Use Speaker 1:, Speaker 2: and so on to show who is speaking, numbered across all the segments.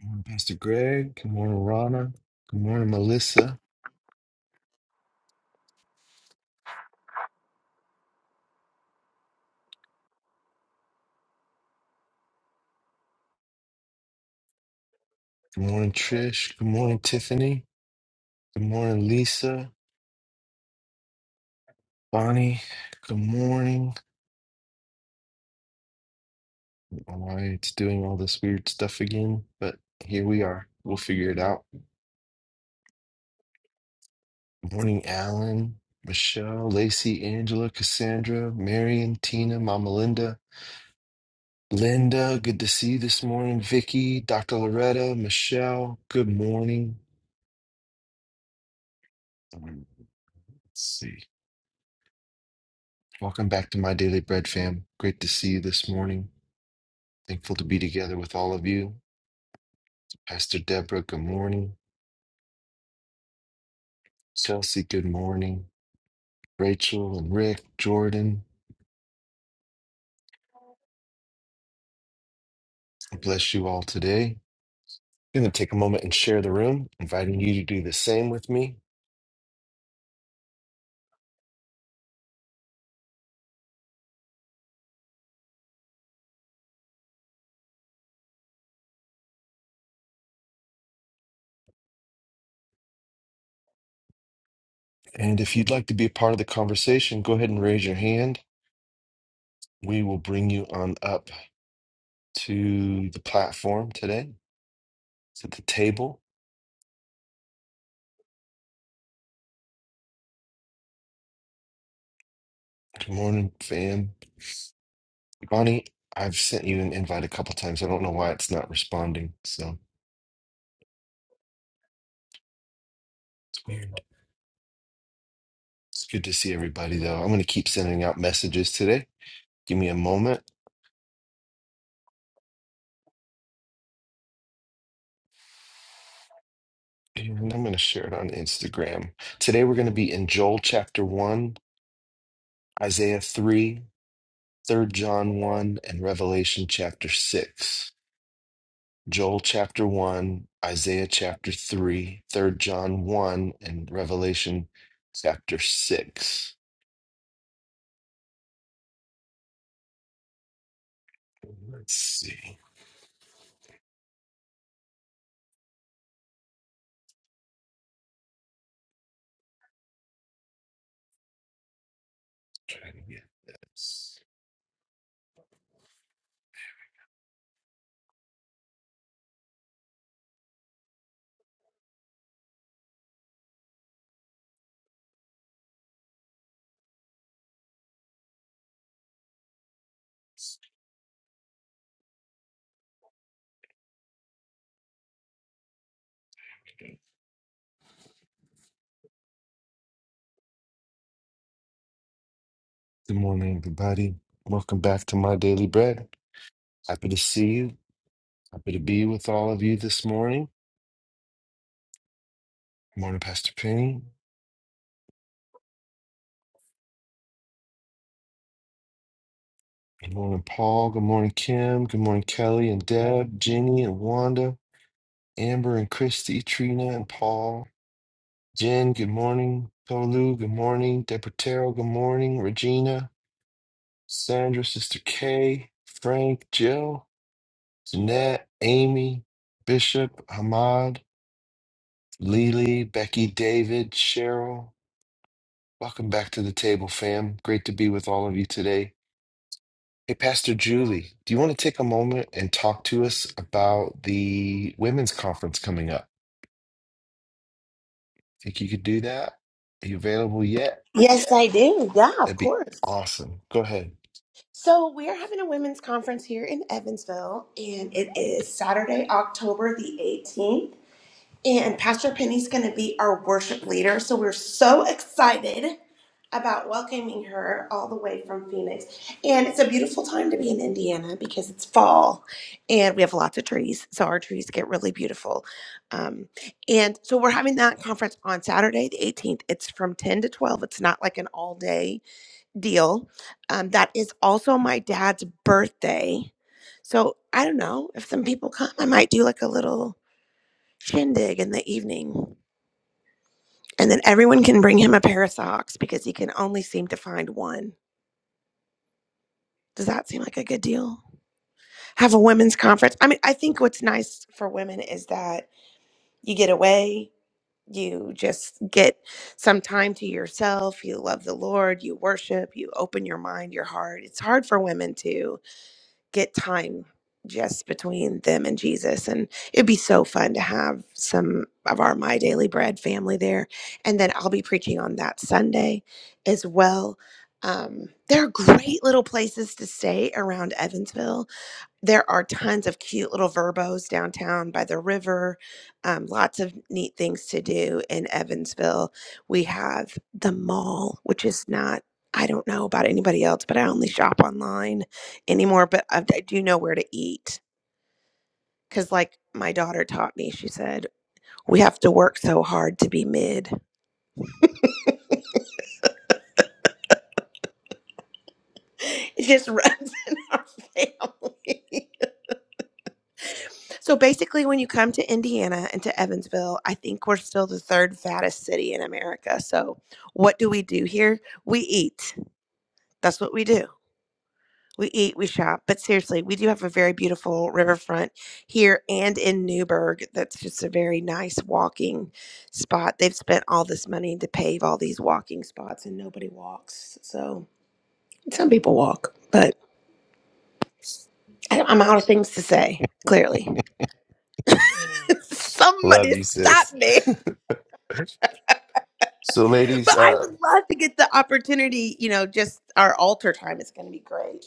Speaker 1: Good morning, Pastor Greg. Good morning, Rana. Good morning, Melissa. Good morning, Trish. Good morning, Tiffany. Good morning, Lisa. Bonnie. Good morning. I don't know why it's doing all this weird stuff again, but here we are. We'll figure it out. Good morning, Alan, Michelle, Lacey, Angela, Cassandra, Marion, Tina, Mama Linda. Linda, good to see you this morning. Vicky, Dr. Loretta, Michelle, good morning. Um, Let's see. Welcome back to My Daily Bread fam. Great to see you this morning. Thankful to be together with all of you. Pastor Deborah, good morning. Chelsea, good morning. Rachel and Rick, Jordan, I bless you all today. I'm going to take a moment and share the room, inviting you to do the same with me. And if you'd like to be a part of the conversation, go ahead and raise your hand. We will bring you on up to the platform today, to the table. Good morning, fam. Bonnie, I've sent you an invite a couple times. I don't know why it's not responding. So it's weird. It's good to see everybody, though. I'm going to keep sending out messages today. Give me a moment and I'm going to share it on Instagram. Today, we're going to be in Joel chapter 1, Isaiah 3, 3 John 1, and Revelation chapter 6. Joel chapter 1, Isaiah chapter 3, 3 John 1, and Revelation chapter 6. Let's see. Trying to get this. Good morning, everybody. Welcome back to My Daily Bread. Happy to see you. Happy to be with all of you this morning. Good morning, Pastor Penny. Good morning, Paul. Good morning, Kim. Good morning, Kelly and Deb, Jenny and Wanda, Amber and Christy, Trina and Paul, Jen. Good morning, Tolu. Good morning, Deportero. Good morning, Regina, Sandra, Sister Kay, Frank, Jill, Jeanette, Amy, Bishop, Hamad. Lily, Becky, David, Cheryl, welcome back to the table, fam. Great to be with all of you today. Hey, Pastor Julie, do you want to take a moment and talk to us about the women's conference coming up? Think you could do that? Are you available yet?
Speaker 2: Yes, I do. Yeah,
Speaker 1: That'd
Speaker 2: of
Speaker 1: be
Speaker 2: course.
Speaker 1: awesome. Go ahead.
Speaker 2: So we're having a women's conference here in Evansville, and it is Saturday, October the 18th. And Pastor Penny's going to be our worship leader. So we're so excited about welcoming her all the way from Phoenix. And it's a beautiful time to be in Indiana because it's fall and we have lots of trees. So our trees get really beautiful. Um, and so we're having that conference on Saturday, the 18th. It's from 10 to 12. It's not like an all day deal. Um, that is also my dad's birthday. So I don't know if some people come, I might do like a little shindig in the evening. And then everyone can bring him a pair of socks because he can only seem to find one. Does that seem like a good deal? Have a women's conference. I mean, I think what's nice for women is that you get away, you just get some time to yourself, you love the Lord, you worship, you open your mind, your heart. It's hard for women too get time just between them and Jesus. And it'd be so fun to have some of our My Daily Bread family there. And then I'll be preaching on that Sunday as well. Um, there are great little places to stay around Evansville there are tons of cute little verbos downtown by the river. Um, lots of neat things to do in Evansville. We have the mall, which is not, I don't know about anybody else, but I only shop online anymore. But I, I do know where to eat. Because, like my daughter taught me, she said, we have to work so hard to be mid. It just runs in our family. So basically, when you come to Indiana and to Evansville, I think we're still the third fattest city in America. So what do we do here? We eat. That's what we do. We eat, we shop. But seriously, we do have a very beautiful riverfront here and in Newburgh. That's just a very nice walking spot. They've spent all this money to pave all these walking spots and nobody walks. So some people walk, but I- I'm out of things to say, clearly.
Speaker 1: Love
Speaker 2: Somebody
Speaker 1: you,
Speaker 2: stop
Speaker 1: sis.
Speaker 2: me.
Speaker 1: so, ladies,
Speaker 2: But I
Speaker 1: uh,
Speaker 2: would love to get the opportunity, you know, just our altar time is going to be great.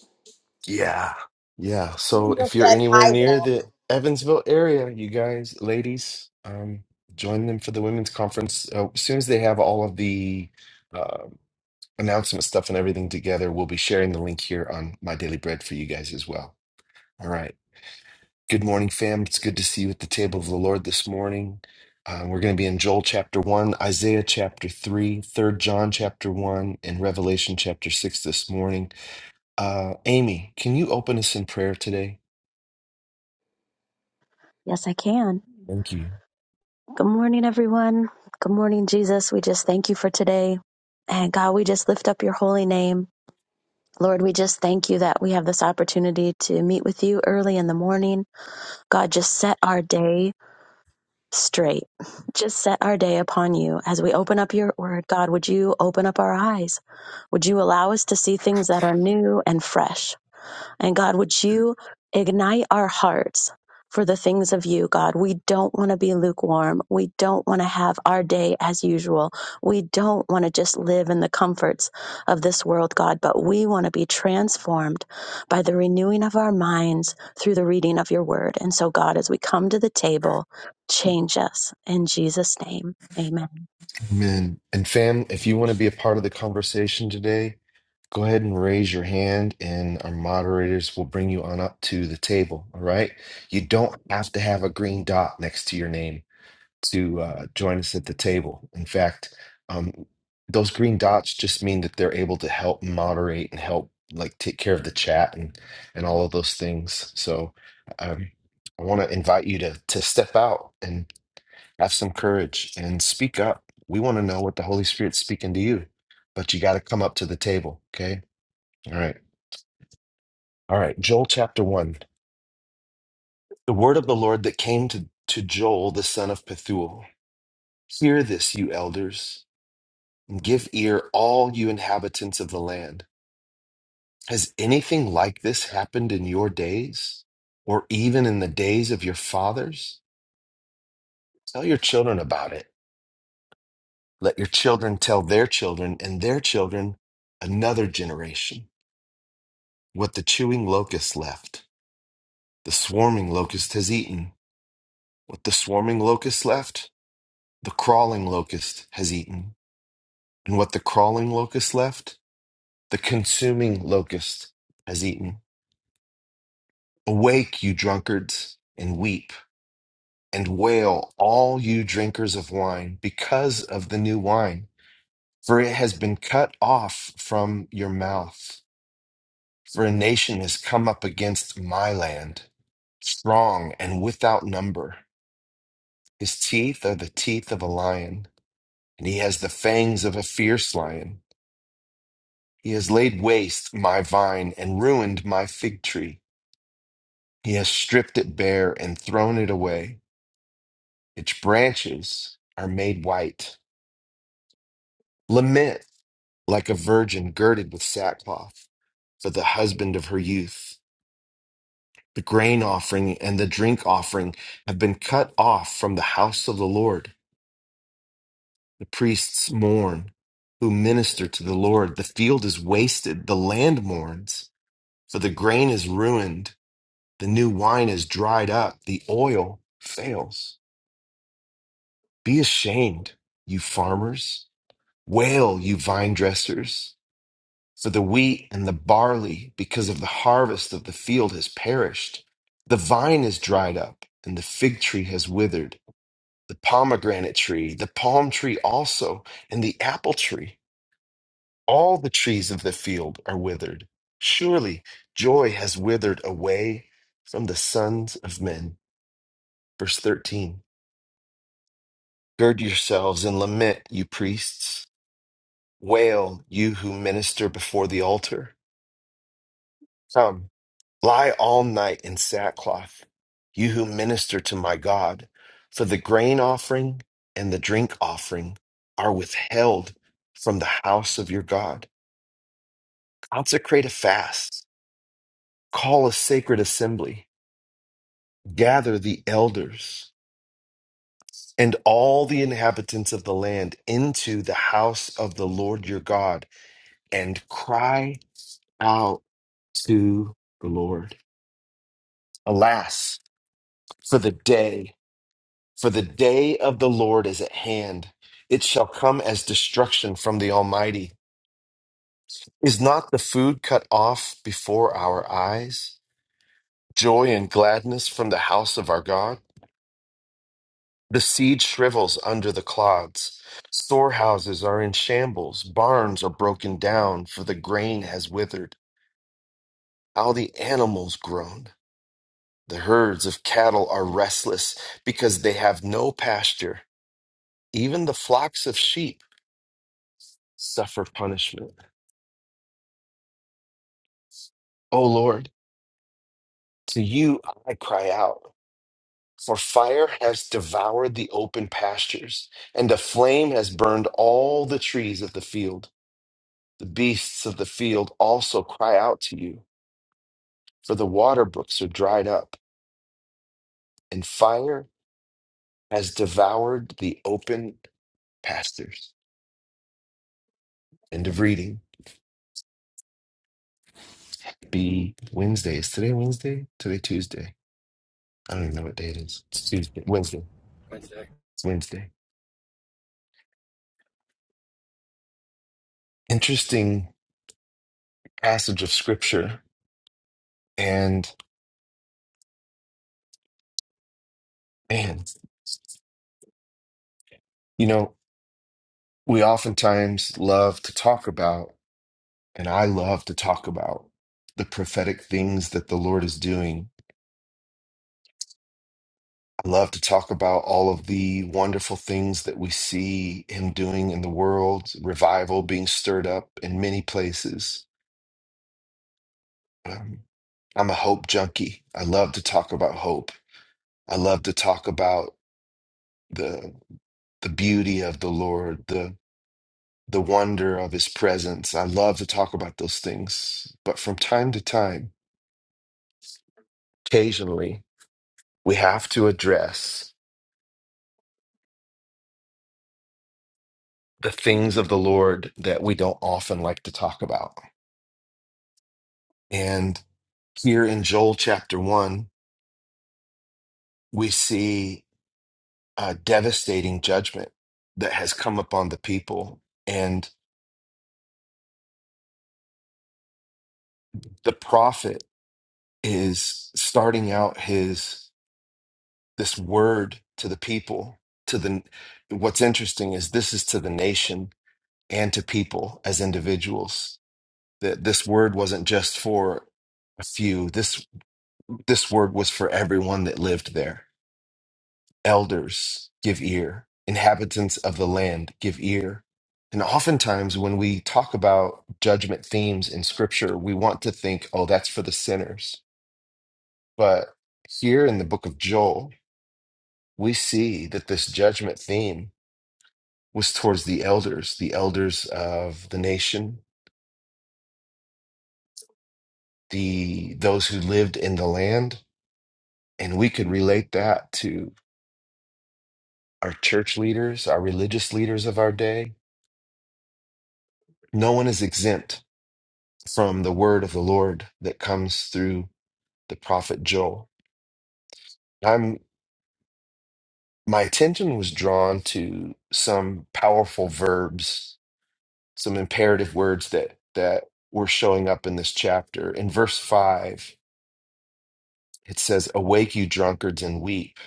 Speaker 1: Yeah. Yeah. So
Speaker 2: Daniel
Speaker 1: if you're
Speaker 2: said,
Speaker 1: anywhere
Speaker 2: I
Speaker 1: near the
Speaker 2: walk.
Speaker 1: Evansville area, you guys, ladies, um, join them for the women's conference. Uh, as soon as they have all of the uh, announcement stuff and everything together, we'll be sharing the link here on My Daily Bread for you guys as well. All right. Good morning, fam. It's good to see you at the table of the Lord this morning. Uh, we're going to be in Joel chapter 1, Isaiah chapter 3, 3 John chapter 1, and Revelation chapter 6 this morning. Uh, Amy, can you open us in prayer today?
Speaker 3: Yes, I can.
Speaker 1: Thank you.
Speaker 3: Good morning, everyone. Good morning, Jesus. We just thank you for today. And God, we just lift up your holy name. Lord, we just thank you that we have this opportunity to meet with you early in the morning. God, just set our day straight. Just set our day upon you. As we open up your word, God, would you open up our eyes? Would you allow us to see things that are new and fresh? And God, would you ignite our hearts for the things of you, God? We don't want to be lukewarm. We don't want to have our day as usual. We don't want to just live in the comforts of this world, God, but we want to be transformed by the renewing of our minds through the reading of your word. And so, God, as we come to the table, change us. In Jesus' name, amen.
Speaker 1: Amen. And fam, if you want to be a part of the conversation today, go ahead and raise your hand and our moderators will bring you on up to the table. All right. You don't have to have a green dot next to your name to uh, join us at the table. In fact, um, those green dots just mean that they're able to help moderate and help like take care of the chat and and all of those things. So um, I want to invite you to to step out and Have some courage and speak up. We want to know what the Holy Spirit's speaking to you, but you got to come up to the table. Okay. All right. All right. Joel chapter one. The word of the Lord that came to, to Joel, the son of Pethuel. Hear this, you elders, and give ear, all you inhabitants of the land. Has anything like this happened in your days or even in the days of your fathers? Tell your children about it. Let your children tell their children and their children another generation. What the chewing locust left, the swarming locust has eaten. What the swarming locust left, the crawling locust has eaten. And what the crawling locust left, the consuming locust has eaten. Awake, you drunkards, and weep and wail, all you drinkers of wine, because of the new wine. For it has been cut off from your mouth. For a nation has come up against my land, strong and without number. His teeth are the teeth of a lion, and he has the fangs of a fierce lion. He has laid waste my vine and ruined my fig tree. He has stripped it bare and thrown it away. Its branches are made white. Lament like a virgin girded with sackcloth for the husband of her youth. The grain offering and the drink offering have been cut off from the house of the Lord. The priests mourn who minister to the Lord. The field is wasted. The land mourns, for the grain is ruined. The new wine is dried up. The oil fails. Be ashamed, you farmers. Wail, you vine dressers, for the wheat and the barley, because of the harvest of the field, has perished. The vine is dried up, and the fig tree has withered. The pomegranate tree, the palm tree also, and the apple tree All the trees of the field are withered. Surely joy has withered away from the sons of men. Verse 13 Gird yourselves and lament, you priests. Wail, you who minister before the altar. Come, lie all night in sackcloth, you who minister to my God. For the grain offering and the drink offering are withheld from the house of your God. Consecrate a fast, call a sacred assembly gather the elders and all the inhabitants of the land into the house of the Lord your God and cry out to the Lord. Alas, for the day, for the day of the Lord is at hand. It shall come as destruction from the Almighty. Is not the food cut off before our eyes? Joy and gladness from the house of our God. The seed shrivels under the clods. Storehouses are in shambles. Barns are broken down, for the grain has withered. How the animals groan. The herds of cattle are restless because they have no pasture. Even the flocks of sheep suffer punishment. O Lord, to you I cry out, for fire has devoured the open pastures, and a flame has burned all the trees of the field. The beasts of the field also cry out to you for the water brooks are dried up, and fire has devoured the open pastures. End of reading. Be Wednesday. Is today Wednesday? Today Tuesday. I don't even know what day it is. It's Tuesday. Wednesday.
Speaker 4: Wednesday.
Speaker 1: It's Wednesday. Interesting passage of scripture. And man, you know, we oftentimes love to talk about, and I love to talk about the prophetic things that the Lord is doing I love to talk about all of the wonderful things that we see him doing in the world, revival being stirred up in many places. Um, I'm a hope junkie. I love to talk about hope. I love to talk about the the beauty of the Lord, the the wonder of his presence. I love to talk about those things. But from time to time, occasionally, we have to address the things of the Lord that we don't often like to talk about. And here in Joel chapter 1, we see a devastating judgment that has come upon the people. And the prophet is starting out his this word to the people to the what's interesting is this is to the nation and to people as individuals that this word wasn't just for a few this this word was for everyone that lived there Elders, give ear. Inhabitants of the land, give ear. And oftentimes, when we talk about judgment themes in scripture, we want to think, oh, that's for the sinners. But here in the book of Joel, we see that this judgment theme was towards the elders, the elders of the nation, the those who lived in the land. And we could relate that to our church leaders, our religious leaders of our day. No one is exempt from the word of the Lord that comes through the prophet Joel. I'm my attention was drawn to some powerful verbs, some imperative words that that were showing up in this chapter. In verse 5, it says, "Awake you drunkards and weep,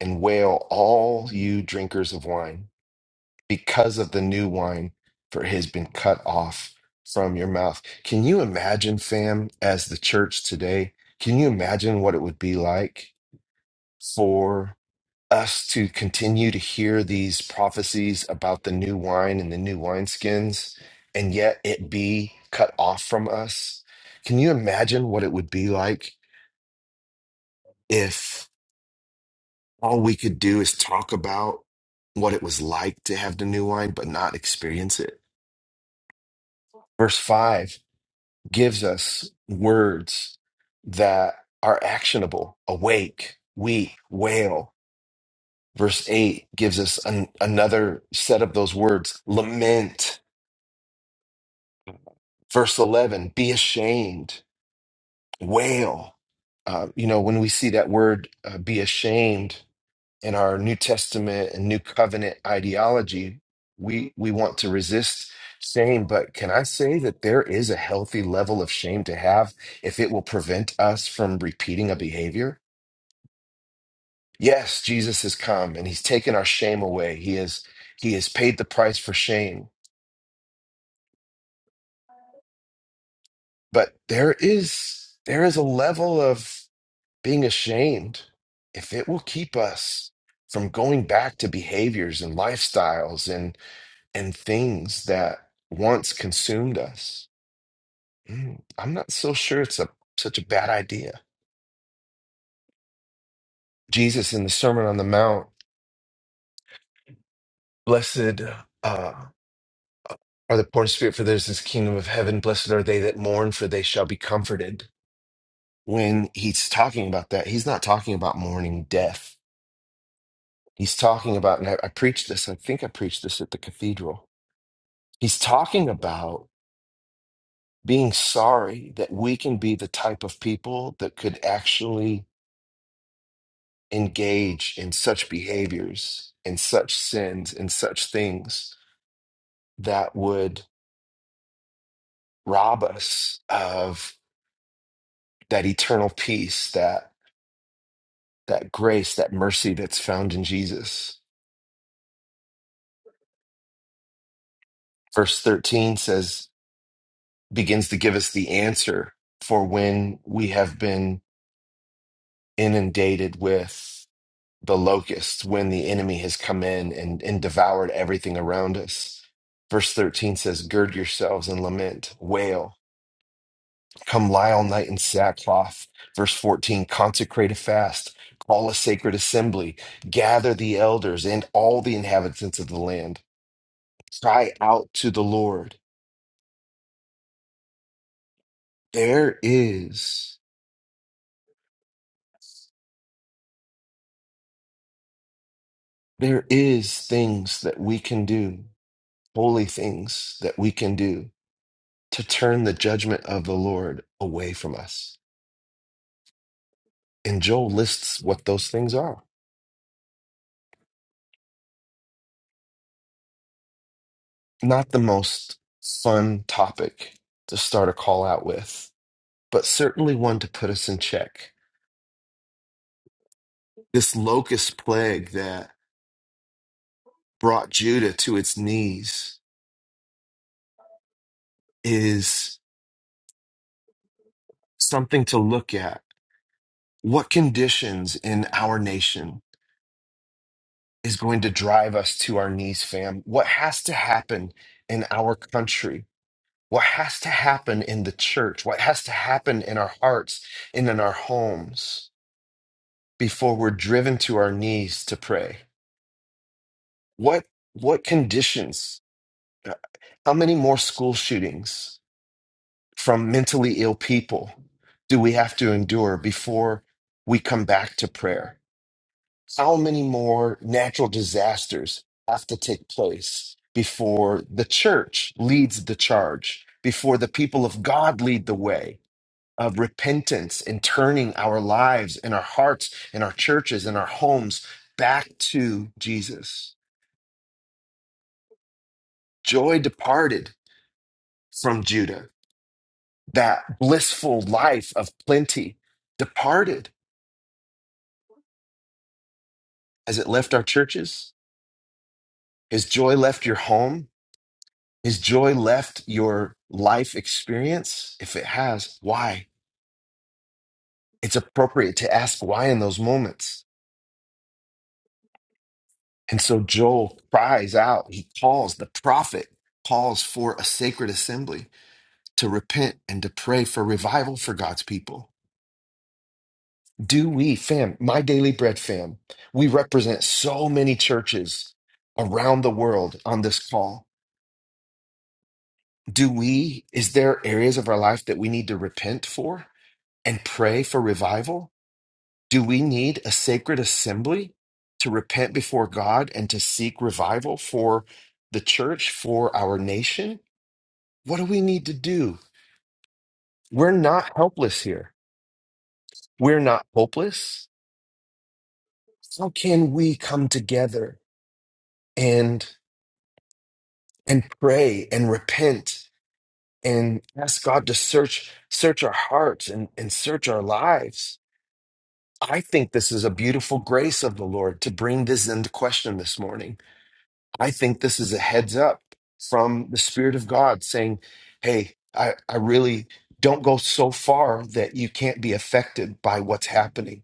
Speaker 1: and wail all you drinkers of wine, because of the new wine, for it has been cut off from your mouth." Can you imagine, fam, as the church today, can you imagine what it would be like? for us to continue to hear these prophecies about the new wine and the new wineskins, and yet it be cut off from us. Can you imagine what it would be like if all we could do is talk about what it was like to have the new wine, but not experience it? Verse 5 gives us words that are actionable awake, weep, wail, Verse 8 gives us an, another set of those words lament. Verse 11, be ashamed, wail. Uh, you know, when we see that word uh, be ashamed in our New Testament and New Covenant ideology, we, we want to resist shame. But can I say that there is a healthy level of shame to have if it will prevent us from repeating a behavior? Yes, Jesus has come and he's taken our shame away. He has he has paid the price for shame but there is there is a level of being ashamed if it will keep us from going back to behaviors and lifestyles and and things that once consumed us Mm, i'm not so sure it's a such a bad idea jesus in the sermon on the mount blessed uh, are the poor in spirit for theirs is the kingdom of heaven blessed are they that mourn for they shall be comforted when he's talking about that he's not talking about mourning death He's talking about, and I, I preached this, I think I preached this at the cathedral. He's talking about being sorry that we can be the type of people that could actually engage in such behaviors, in such sins, in such things that would rob us of that eternal peace, that that grace, that mercy that's found in Jesus. Verse 13 says, begins to give us the answer for when we have been inundated with the locusts when the enemy has come in and, and devoured everything around us. Verse 13 says, Gird yourselves and lament, wail, come lie all night in sackcloth. Verse 14, consecrate a fast, call a sacred assembly, gather the elders and all the inhabitants of the land, cry out to the Lord. There is, there is things that we can do, holy things that we can do to turn the judgment of the Lord away from us. And Joel lists what those things are. Not the most fun topic to start a call out with, but certainly one to put us in check. This locust plague that brought Judah to its knees is something to look at. What conditions in our nation is going to drive us to our knees, fam? What has to happen in our country what has to happen in the church, what has to happen in our hearts and in our homes before we're driven to our knees to pray. What what conditions? uh, How many more school shootings from mentally ill people do we have to endure before we come back to prayer? How many more natural disasters have to take place before the church leads the charge, before the people of God lead the way? of repentance and turning our lives and our hearts and our churches and our homes back to Jesus. Joy departed from Judah. That blissful life of plenty departed as it left our churches. His joy left your home. His joy left your life experience. If it has, why? It's appropriate to ask why in those moments. And so Joel cries out, he calls, the prophet calls for a sacred assembly to repent and to pray for revival for God's people. Do we, fam, my daily bread fam, we represent so many churches around the world on this call. Do we, is there areas of our life that we need to repent for and pray for revival? Do we need a sacred assembly to repent before God and to seek revival for the church, for our nation? What do we need to do? We're not helpless here. We're not hopeless. how can we come together and and pray and repent and ask god to search search our hearts and, and search our lives i think this is a beautiful grace of the lord to bring this into question this morning i think this is a heads up from the spirit of god saying hey i i really don't go so far that you can't be affected by what's happening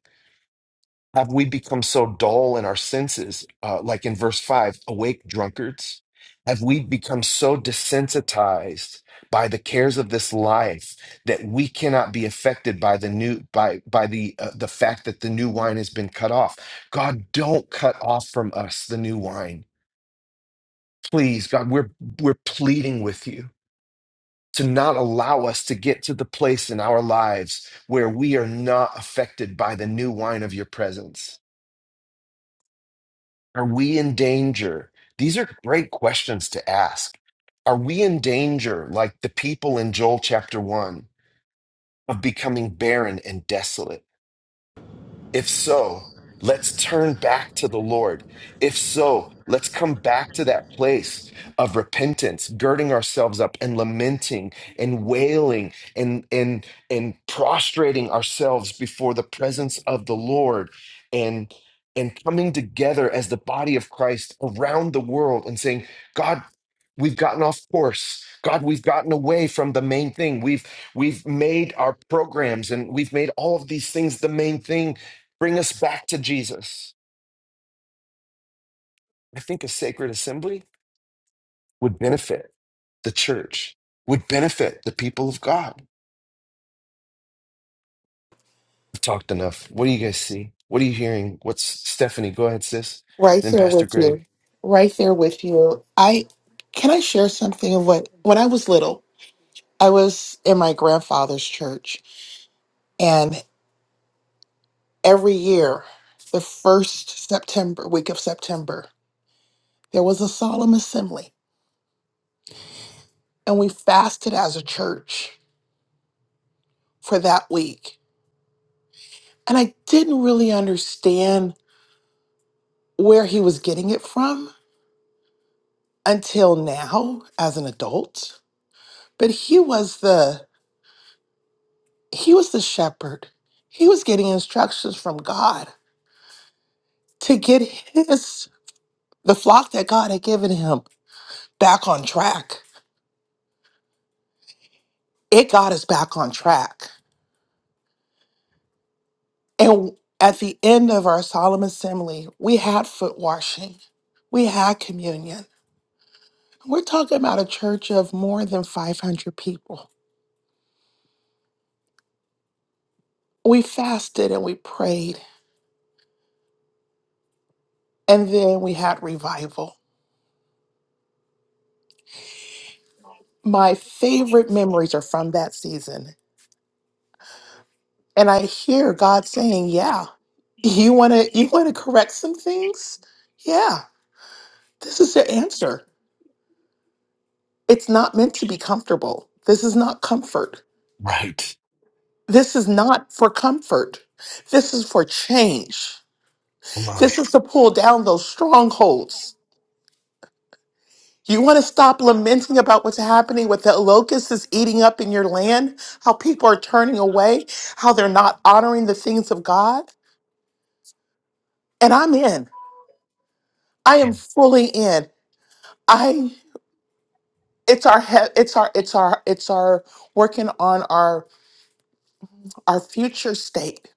Speaker 1: Have we become so dull in our senses, uh, like in verse 5, awake drunkards? Have we become so desensitized by the cares of this life that we cannot be affected by the new by by the uh, the fact that the new wine has been cut off? God, don't cut off from us the new wine. Please, God, we're we're pleading with you to not allow us to get to the place in our lives where we are not affected by the new wine of your presence Are we in danger? These are great questions to ask. Are we in danger, like the people in Joel chapter 1, of becoming barren and desolate? If so, let's turn back to the Lord. If so, let's come back to that place of repentance, girding ourselves up and lamenting and wailing and and and prostrating ourselves before the presence of the Lord and and coming together as the body of Christ around the world and saying, God, we've gotten off course. God, we've gotten away from the main thing. We've we've made our programs and we've made all of these things the main thing bring us back to Jesus. I think a sacred assembly would benefit the church, would benefit the people of God. I've talked enough. What do you guys see? What are you hearing? What's Stephanie? Go ahead, sis.
Speaker 5: Right
Speaker 1: Then
Speaker 5: there
Speaker 1: Pastor
Speaker 5: with
Speaker 1: Greg.
Speaker 5: you. Right there with you. I can I share something of what when I was little, I was in my grandfather's church and every year, the first September week of September, there was a solemn assembly and we fasted as a church for that week. And I didn't really understand where he was getting it from until now as an adult. But he was the He was the shepherd. He was getting instructions from God to get his the flock that God had given him back on track. It got us back on track. And at the end of our solemn assembly, we had foot washing. We had communion. We're talking about a church of more than 500 people. We fasted and we prayed, and then we had revival. My favorite memories are from that season And I hear God saying, Yeah, you wanna you wanna correct some things? Yeah, this is the answer. It's not meant to be comfortable. This is not comfort.
Speaker 1: Right.
Speaker 5: This is not for comfort. This is for change.
Speaker 1: Come on.
Speaker 5: This is to pull down those strongholds. You want to stop lamenting about what's happening, what the locust is eating up in your land, how people are turning away, how they're not honoring the things of God? And I'm in. I am fully in. I." it's our he- it's our it's our it's our working on our our future state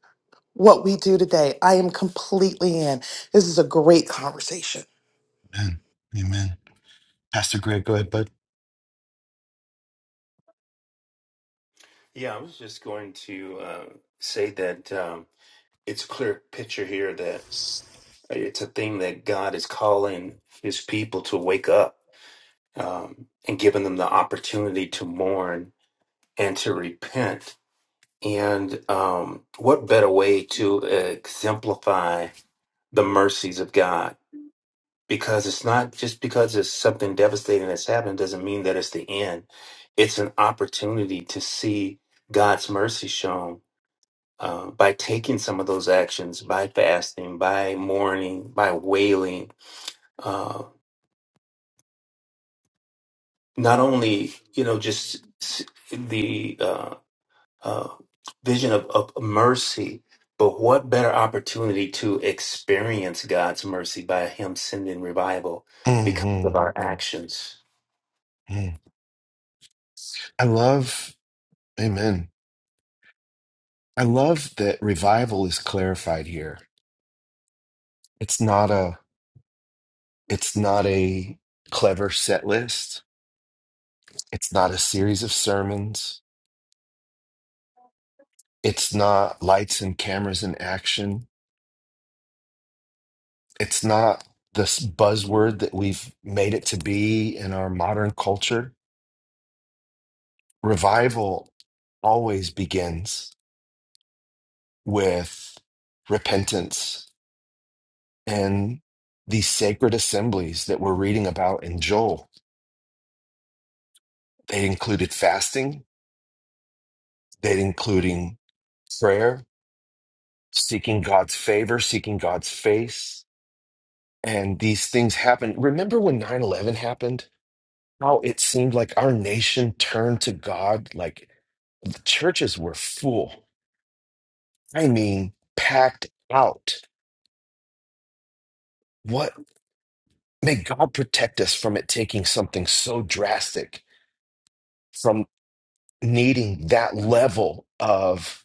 Speaker 5: what we do today i am completely in this is a great conversation
Speaker 1: Amen. Amen. Pastor Greg, go ahead, bud.
Speaker 6: Yeah, I was just going to uh, say that um, it's clear picture here that it's a thing that God is calling His people to wake up um, and giving them the opportunity to mourn and to repent. And um, what better way to exemplify the mercies of God? Because it's not just because it's something devastating that's happened doesn't mean that it's the end. It's an opportunity to see God's mercy shown uh, by taking some of those actions, by fasting, by mourning, by wailing, uh, not only you know just s- the uh, uh, vision of, of mercy, but what better opportunity to experience God's mercy by Him sending revival because
Speaker 1: hmm
Speaker 6: of our actions.
Speaker 1: I love, amen. I love that revival is clarified here. It's not a, it's not a clever set list. It's not a series of sermons. It's not lights and cameras and action. It's not this buzzword that we've made it to be in our modern culture. Revival always begins with repentance and these sacred assemblies that we're reading about in Joel. They included fasting, they including prayer, seeking God's favor, seeking God's face. And these things happen. Remember when 9 11 happened? how it seemed like our nation turned to God. Like the churches were full. I mean, packed out. What may God protect us from it taking something so drastic, from needing that level of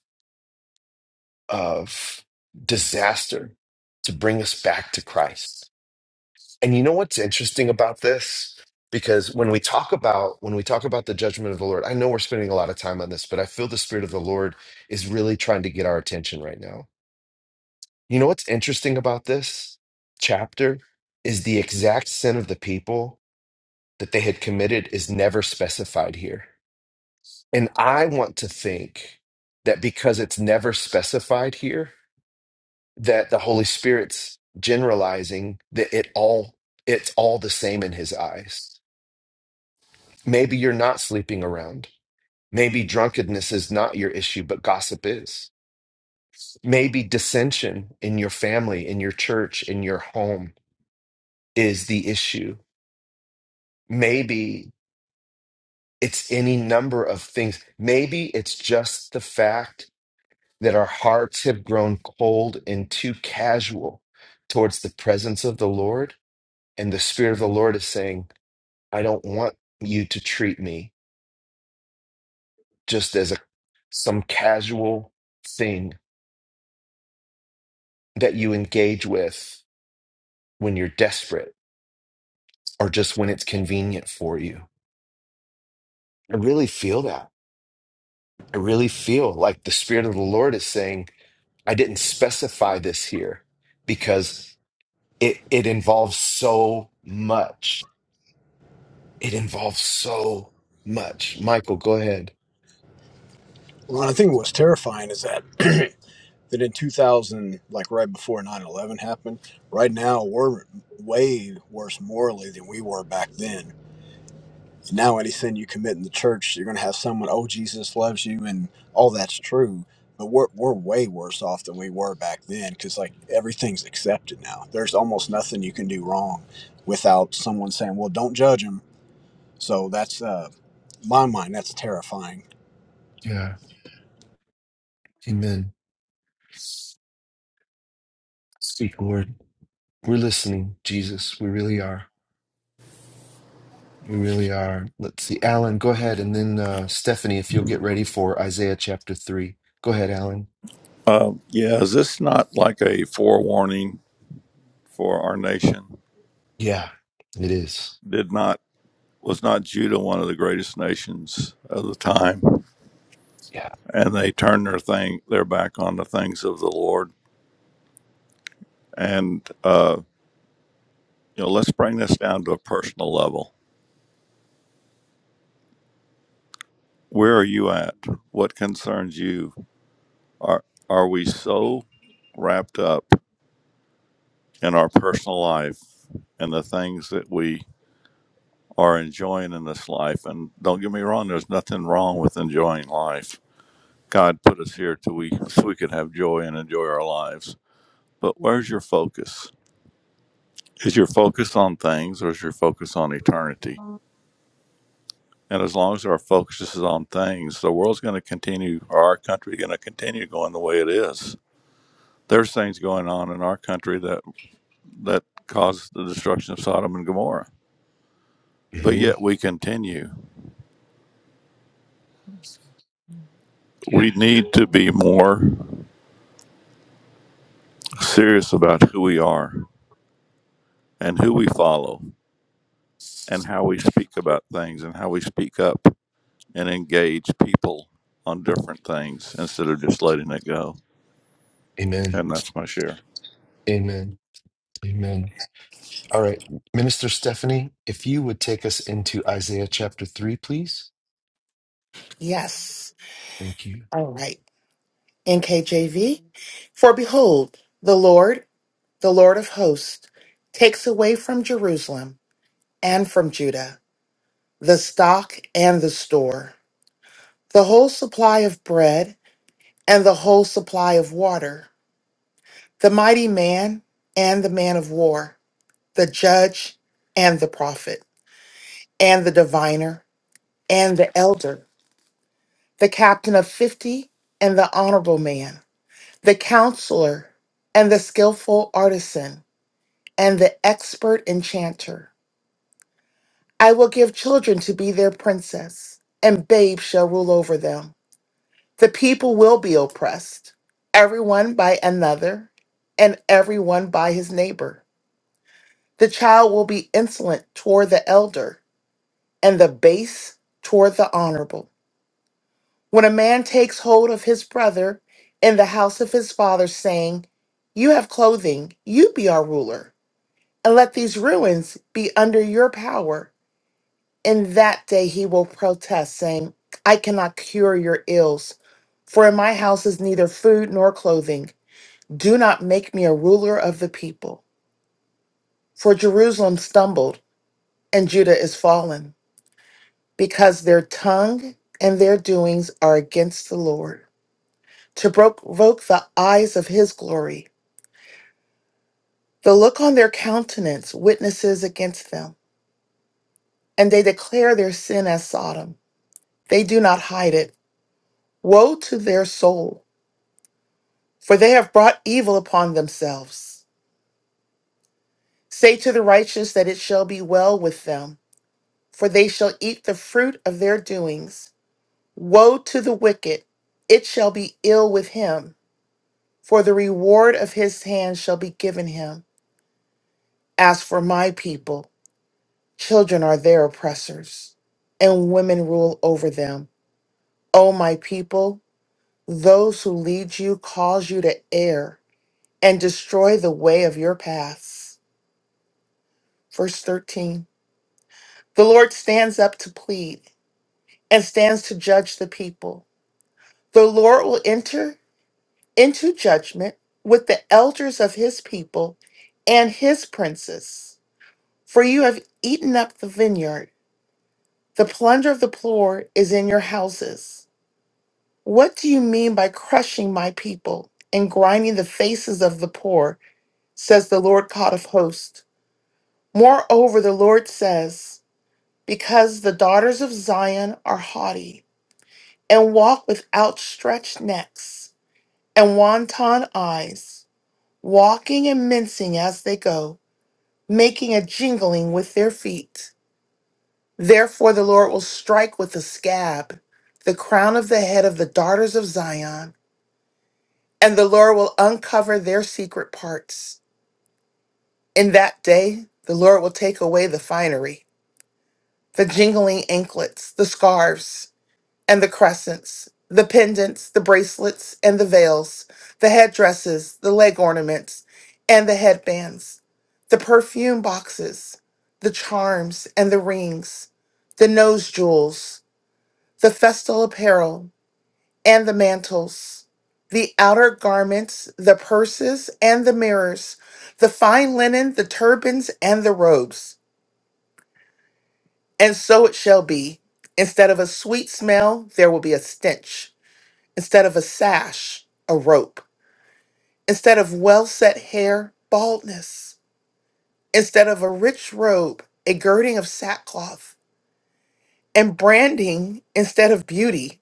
Speaker 1: of disaster to bring us back to Christ. And you know what's interesting about this? Because when we talk about when we talk about the judgment of the Lord, I know we're spending a lot of time on this, but I feel the spirit of the Lord is really trying to get our attention right now. You know what's interesting about this chapter is the exact sin of the people that they had committed is never specified here. And I want to think that because it's never specified here, that the Holy Spirit's generalizing that it all it's all the same in his eyes Maybe you're not sleeping around. Maybe drunkenness is not your issue, but gossip is. Maybe dissension in your family, in your church, in your home is the issue. Maybe it's any number of things. Maybe it's just the fact that our hearts have grown cold and too casual towards the presence of the Lord. And the Spirit of the Lord is saying, I don't want you to treat me just as a, some casual thing that you engage with when you're desperate or just when it's convenient for you. I really feel that. I really feel like the Spirit of the Lord is saying, I didn't specify this here because it, it involves so much. It involves so much. Michael, go ahead.
Speaker 7: Well, I think what's terrifying is that that in 2000, like right before nine eleven happened, right now we're way worse morally than we were back then. Now, any sin you commit in the church, you're going to have someone, oh, Jesus loves you, and all that's true. But we're, we're way worse off than we were back then because, like, everything's accepted now. There's almost nothing you can do wrong without someone saying, well, don't judge him. So that's, uh, my mind, that's terrifying.
Speaker 1: Yeah. Amen. Speak, Lord. We're listening, Jesus. We really are. We really are. Let's see. Alan, go ahead. And then uh, Stephanie, if you'll get ready for Isaiah chapter 3. Go ahead, Alan.
Speaker 8: Um, yeah, is this not like a forewarning for our nation?
Speaker 1: Yeah, it is.
Speaker 8: Did not was not Judah one of the greatest nations of the time,
Speaker 1: Yeah.
Speaker 8: and they turned their thing their back on the things of the Lord. And uh, you know, let's bring this down to a personal level. Where are you at? What concerns you? Are are we so wrapped up in our personal life and the things that we are enjoying in this life. And don't get me wrong, there's nothing wrong with enjoying life. God put us here to we so we could have joy and enjoy our lives. But where's your focus? Is your focus on things or is your focus on eternity? And as long as our focus is on things, the world's going to continue, or our country going to continue going the way it is. There's things going on in our country that that caused the destruction of Sodom and Gomorrah. But
Speaker 1: hmm
Speaker 8: yet we continue. We need to be more serious about who we are and who we follow and how we speak about things and how we speak up and engage people on different things instead of just letting it go.
Speaker 1: Amen.
Speaker 8: And that's my share.
Speaker 1: Amen. Amen. All right. Minister Stephanie, if you would take us into Isaiah chapter 3, please.
Speaker 5: yes
Speaker 1: Thank you.
Speaker 5: all right nkjv for behold the lord the lord of hosts takes away from jerusalem and from judah the stock and the store the whole supply of bread and the whole supply of water the mighty man and the man of war the judge and the prophet and the diviner and the elder, the captain of 50 and the honorable man, the counselor and the skillful artisan and the expert enchanter. I will give children to be their princess, and babes shall rule over them. The people will be oppressed, everyone by another, and everyone by his neighbor. The child will be insolent toward the elder and the base toward the honorable. When a man takes hold of his brother in the house of his father, saying, You have clothing, you be our ruler, and let these ruins be under your power, in that day he will protest, saying, I cannot cure your ills, for in my house is neither food nor clothing. Do not make me a ruler of the people. For Jerusalem stumbled, and Judah is fallen. because their tongue and their doings are against the Lord, to provoke the eyes of his glory. The look on their countenance witnesses against them, and they declare their sin as Sodom. They do not hide it. Woe to their soul, for they have brought evil upon themselves. Say to the righteous that it shall be well with them, for they shall eat the fruit of their doings. Woe to the wicked, it shall be ill with him for the reward of his hand shall be given him. As for my people, children are their oppressors, and women rule over them. O my people, those who lead you cause you to err and destroy the way of your paths. Verse 13 The Lord stands up to plead and stands to judge the people. The Lord will enter into judgment with the elders of his people and his princes. For you have eaten up the vineyard. The plunder of the poor is in your houses. What do you mean by crushing my people and grinding the faces of the poor? says the Lord God of hosts. Moreover, the Lord says, Because the daughters of Zion are haughty and walk with outstretched necks and wanton eyes, walking and mincing as they go, making a jingling with their feet. Therefore, the Lord will strike with the scab the crown of the head of the daughters of Zion, and the Lord will uncover their secret parts. In that day, the Lord will take away the finery, the jingling anklets, the scarves, and the crescents, the pendants, the bracelets, and the veils, the headdresses, the leg ornaments, and the headbands, the perfume boxes, the charms, and the rings, the nose jewels the festal apparel and the mantles, the outer garments, the purses and the mirrors, the fine linen, the turbans and the robes. And so it shall be. Instead of a sweet smell, there will be a stench. Instead of a sash, a rope. Instead of well set hair, baldness. Instead of a rich robe, a girding of sackcloth. And branding instead of beauty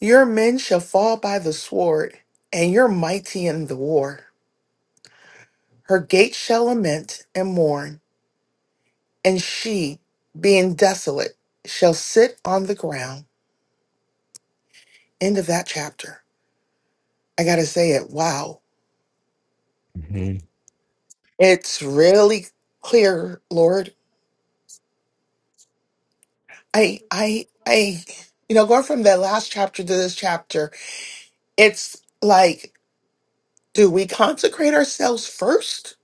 Speaker 5: Your men shall fall by the sword, and your mighty in the war. Her gates shall lament and mourn, and she, being desolate, shall sit on the ground. End of that chapter. I gotta say it. Wow,
Speaker 1: hmm
Speaker 5: it's really clear, Lord. I, I, I, you know, going from that last chapter to this chapter, it's like, do we consecrate ourselves first?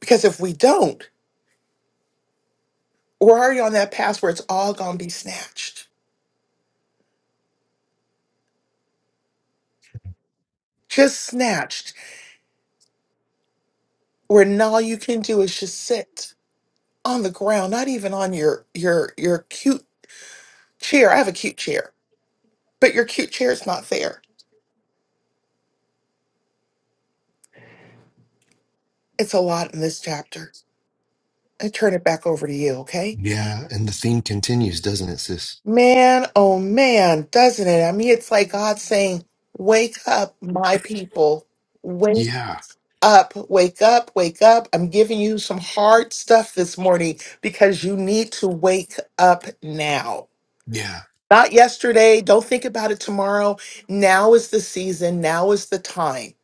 Speaker 5: Because if we don't, we're already on that path where it's all gonna be snatched. just snatched where now all you can do is just sit on the ground not even on your your your cute chair i have a cute chair but your cute chair is not there it's a lot in this chapter i turn it back over to you okay
Speaker 1: Yeah. And the theme continues, doesn't it, sis?
Speaker 5: man oh man doesn't it i mean it's like god saying wake up my people wake
Speaker 1: Yeah.
Speaker 5: up wake up wake up i'm giving you some hard stuff this morning because you need to wake up now
Speaker 1: Yeah.
Speaker 5: Not yesterday. Don't think about it tomorrow. Now is the season. Now is the time.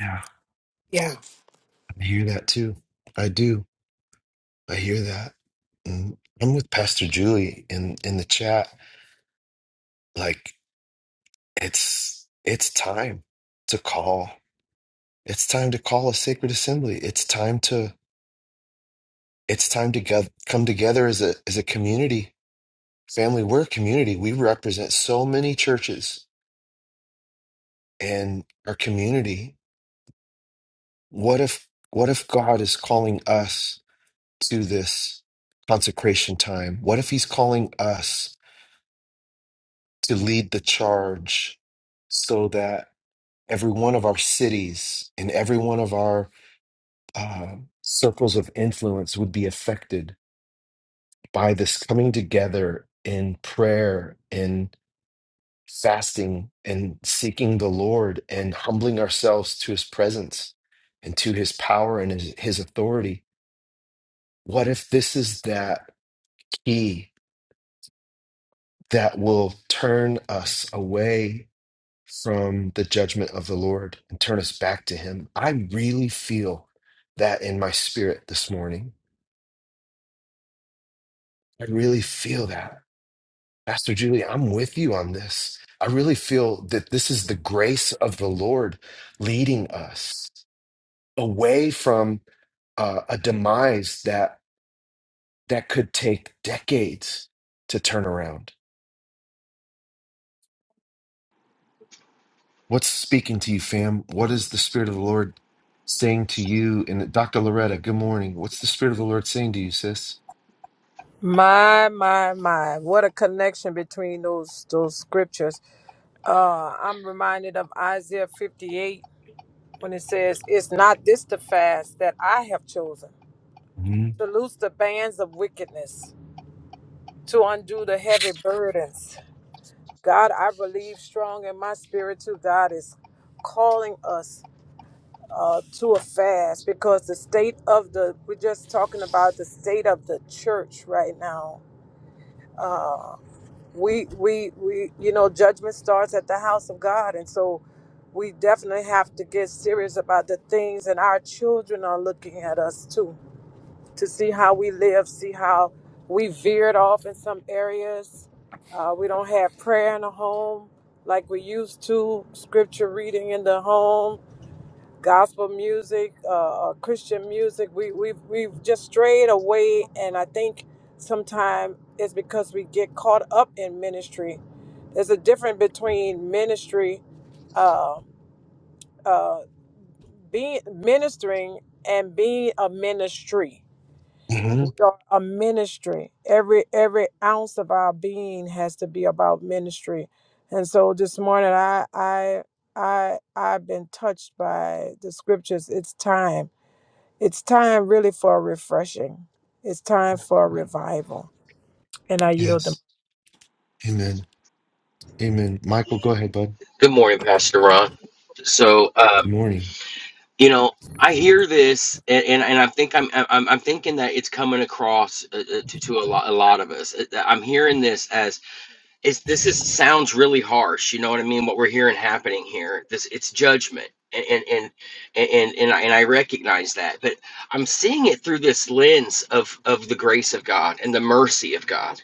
Speaker 1: Yeah.
Speaker 5: Yeah.
Speaker 1: I hear that too. I do. I hear that. Mm. I'm with Pastor Julie in, in the chat. Like, it's it's time to call it's time to call a sacred assembly it's time to it's time to get, come together as a as a community family we're a community we represent so many churches in our community what if what if god is calling us to this consecration time what if he's calling us to lead the charge so that every one of our cities and every one of our uh, circles of influence would be affected by this coming together in prayer and fasting and seeking the Lord and humbling ourselves to his presence and to his power and his, his authority. What if this is that key that will turn us away from the judgment of the Lord and turn us back to him? I really feel that in my spirit this morning. I really feel that. Pastor Julie, I'm with you on this. I really feel that this is the grace of the Lord leading us away from uh, a demise that that could take decades to turn around. What's speaking to you, fam? What is the Spirit of the Lord saying to you? And Dr. Loretta, good morning. What's the Spirit of the Lord saying to you, sis?
Speaker 9: My, my, my. What a connection between those those scriptures. Uh, I'm reminded of Isaiah 58 when it says, It's not this the fast that I have chosen
Speaker 1: hmm
Speaker 9: to loose the bands of wickedness, to undo the heavy burdens. God, I believe strong in my spirit too. God is calling us uh, to a fast because the state of the, we're just talking about the state of the church right now. Uh, we we we you know judgment starts at the house of god and so we definitely have to get serious about the things and our children are looking at us too to see how we live see how we veered off in some areas uh, we don't have prayer in the home like we used to scripture reading in the home gospel music, uh, uh, Christian music. We we we've just strayed away, and I think sometimes it's because we get caught up in ministry. There's a difference between ministry, uh, uh, being ministering, and being a ministry.
Speaker 1: hmm
Speaker 9: We are a ministry. Every every ounce of our being has to be about ministry. And so this morning, I I I I've been touched by the scriptures. It's time it's time really for a refreshing. It's time for a revival. And I yield the
Speaker 1: Yes. Amen. Amen. Michael, go ahead, bud.
Speaker 10: Good morning, Pastor Ron. So, uh,
Speaker 1: Good morning.
Speaker 10: you know, I hear this, and, and, and I think I'm, I'm I'm thinking that it's coming across uh, uh, to, to a lot a lot of us. Uh, I'm hearing this as it's this is sounds really harsh. You know what I mean? What we're hearing happening here, this it's judgment, and and and and, and, I, and I recognize that, but I'm seeing it through this lens of of the grace of God and the mercy of God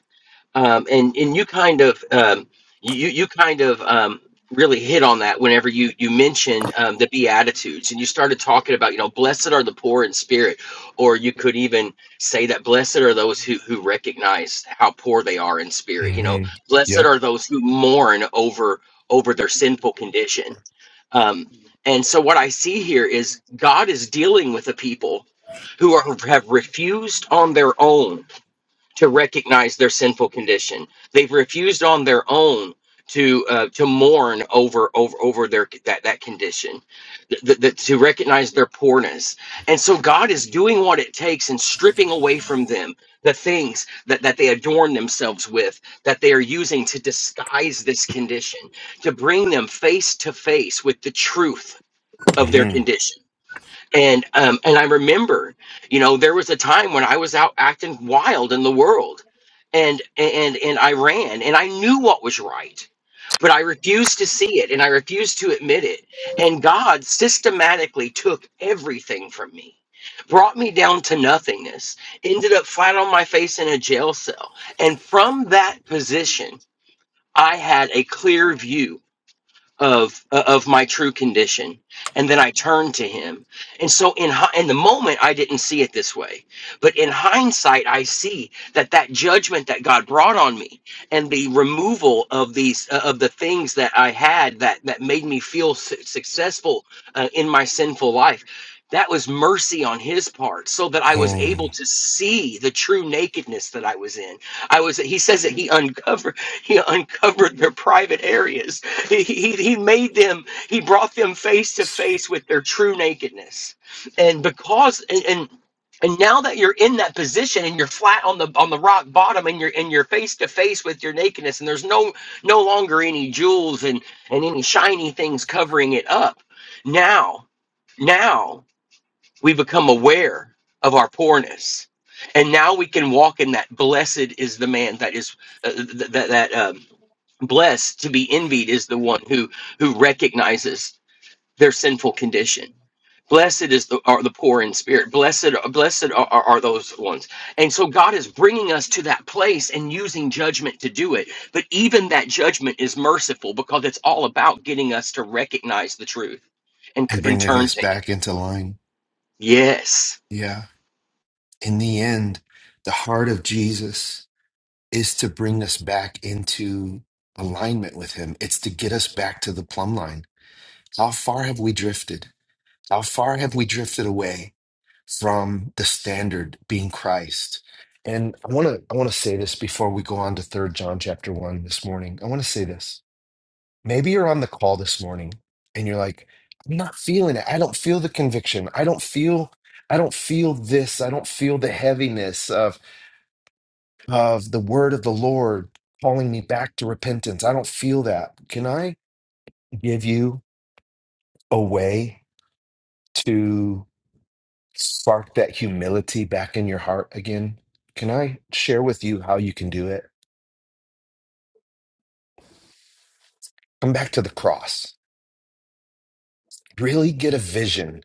Speaker 10: um, and and you kind of um, you you kind of um, really hit on that whenever you you mentioned um, the beatitudes and you started talking about you know blessed are the poor in spirit or you could even say that blessed are those who who recognize how poor they are in spirit you know
Speaker 1: hmm
Speaker 10: blessed
Speaker 1: Yep.
Speaker 10: are those who mourn over over their sinful condition um, and so what I see here is God is dealing with a people who are have refused on their own to recognize their sinful condition. They've refused on their own to uh, to mourn over over over their that that condition, th- th- th- to recognize their poorness. And so God is doing what it takes and stripping away from them the things that that they adorn themselves with, that they are using to disguise this condition, to bring them face to face with the truth of their condition and um and i remember you know there was a time when i was out acting wild in the world and and and i ran and i knew what was right but i refused to see it and i refused to admit it and god systematically took everything from me brought me down to nothingness ended up flat on my face in a jail cell and from that position i had a clear view of uh, of my true condition and then i turned to him and so in hi- in the moment i didn't see it this way but in hindsight i see that that judgment that god brought on me and the removal of these uh, of the things that i had that that made me feel su- successful uh, in my sinful life that was mercy on his part so that i was
Speaker 1: hmm
Speaker 10: able to see the true nakedness that i was in i was he says that he uncovered he uncovered their private areas he, he, he made them, he brought them face to face with their true nakedness. And because, and, and and now that you're in that position and you're flat on the on the rock bottom and you're and you're face to face with your nakedness and there's no no longer any jewels and and any shiny things covering it up. Now, now we become aware of our poorness. And now we can walk in that blessed is the man that is uh, that that um, blessed to be envied is the one who who recognizes their sinful condition blessed is the are the poor in spirit blessed blessed are, are, are those ones and so god is bringing us to that place and using judgment to do it but even that judgment is merciful because it's all about getting us to recognize the truth and
Speaker 1: and
Speaker 10: and
Speaker 1: bringing
Speaker 10: turn
Speaker 1: us
Speaker 10: to him
Speaker 1: back into line.
Speaker 10: yes
Speaker 1: Yeah. In the end, the heart of Jesus is to bring us back into alignment with Him, it's to get us back to the plumb line. How far have we drifted? How far have we drifted away from the standard being Christ? And I want to I want to say this before we go on to Third John chapter 1 this morning. I want to say this. Maybe you're on the call this morning and you're like, I'm not feeling it. I don't feel the conviction. I don't feel I don't feel this. I don't feel the heaviness of of the word of the Lord calling me back to repentance. I don't feel that. Can I give you a way to spark that humility back in your heart again? Can I share with you how you can do it? Come back to the cross. Really get a vision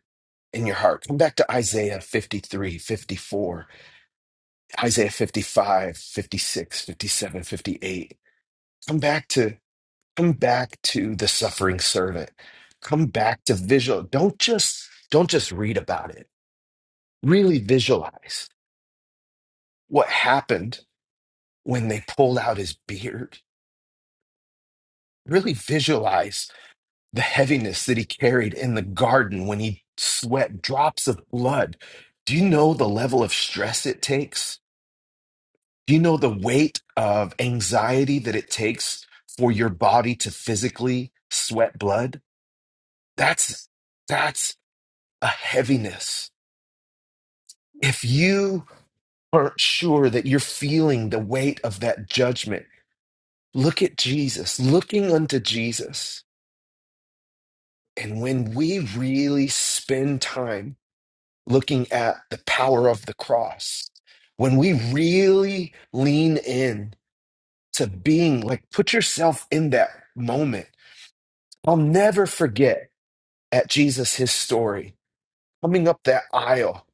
Speaker 1: in your heart. Come back to Isaiah 53, 54 Isaiah 55, 56, 57, 58. Come back to come back to the suffering servant. Come back to visual. Don't just don't just read about it. Really visualize what happened when they pulled out his beard. Really visualize the heaviness that he carried in the garden when he sweat drops of blood. Do you know the level of stress it takes? Do you know the weight of anxiety that it takes for your body to physically sweat blood? That's that's a heaviness. If you aren't sure that you're feeling the weight of that judgment, look at Jesus, looking unto Jesus. And when we really spend time looking at the power of the cross, when we really lean in to being like, put yourself in that moment I'll never forget at Jesus his story coming up that aisle,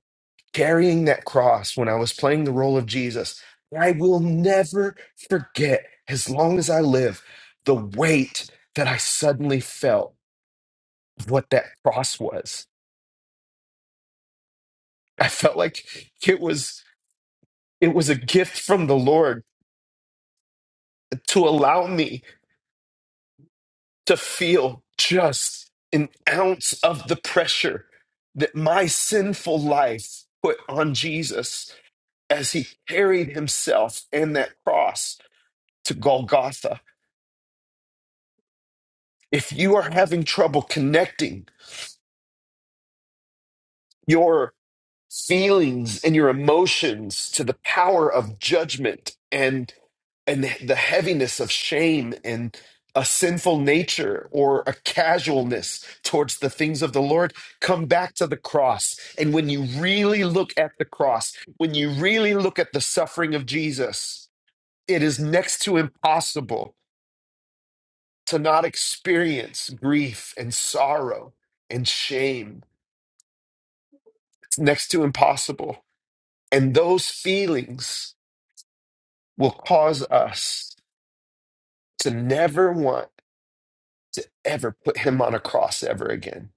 Speaker 1: carrying that cross when I was playing the role of Jesus. I will never forget, as long as I live, the weight that I suddenly felt of what that cross was. I felt like it was it was a gift from the Lord to allow me to feel just an ounce of the pressure that my sinful life put on Jesus as he carried himself and that cross to Golgotha. If you are having trouble connecting your feelings and your emotions to the power of judgment and and the heaviness of shame and a sinful nature or a casualness towards the things of the Lord, come back to the cross. And when you really look at the cross, when you really look at the suffering of Jesus, it is next to impossible to not experience grief and sorrow and shame. It's next to impossible. And those feelings will cause us to never want to ever put him on a cross ever again.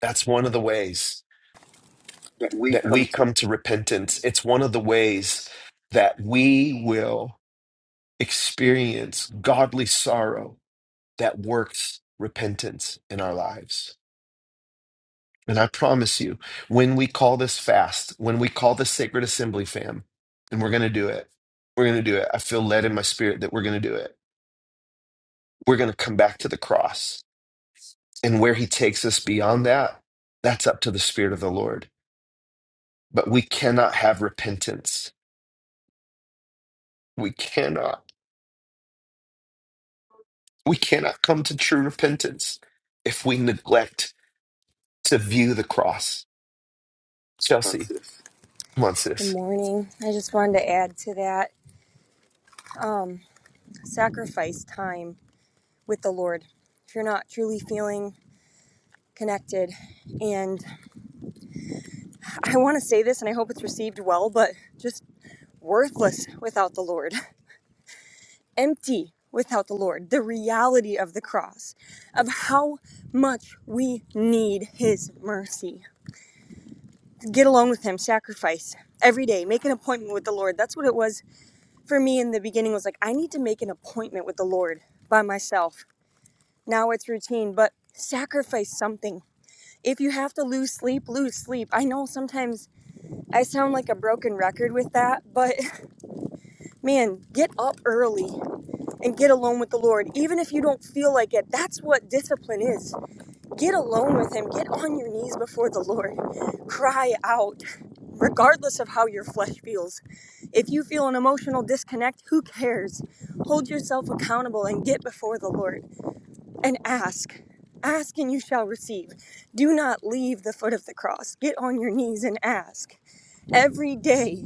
Speaker 1: That's one of the ways
Speaker 11: that we
Speaker 1: that we
Speaker 11: come to
Speaker 1: come to repentance. It's one of the ways that we will experience godly sorrow that works repentance in our lives. And I promise you, when we call this fast, when we call this sacred assembly, fam, and we're going to do it, we're going to do it. I feel led in my spirit that we're going to do it. We're going to come back to the cross. And where he takes us beyond that, that's up to the spirit of the Lord. But we cannot have repentance. We cannot. We cannot come to true repentance if we neglect to view the cross.
Speaker 11: on
Speaker 1: Chelsea,
Speaker 11: this.
Speaker 1: come on,
Speaker 11: Good
Speaker 1: sis.
Speaker 11: morning. I just wanted to add to that um, sacrifice time with the Lord. If you're not truly feeling connected, and I want to say this and I hope it's received well, but just worthless without the Lord, empty without the Lord, the reality of the cross, of how much we need His mercy. Get alone with Him, sacrifice every day, make an appointment with the Lord. That's what it was for me in the beginning was like, I need to make an appointment with the Lord by myself. Now it's routine, but sacrifice something. If you have to lose sleep, lose sleep. I know sometimes I sound like a broken record with that, but man, get up early and get alone with the Lord. Even if you don't feel like it, that's what discipline is. Get alone with Him. Get on your knees before the Lord. Cry out, regardless of how your flesh feels. If you feel an emotional disconnect, who cares? Hold yourself accountable and get before the Lord and ask. Ask and you shall receive. Do not leave the foot of the cross. Get on your knees and ask. Every day,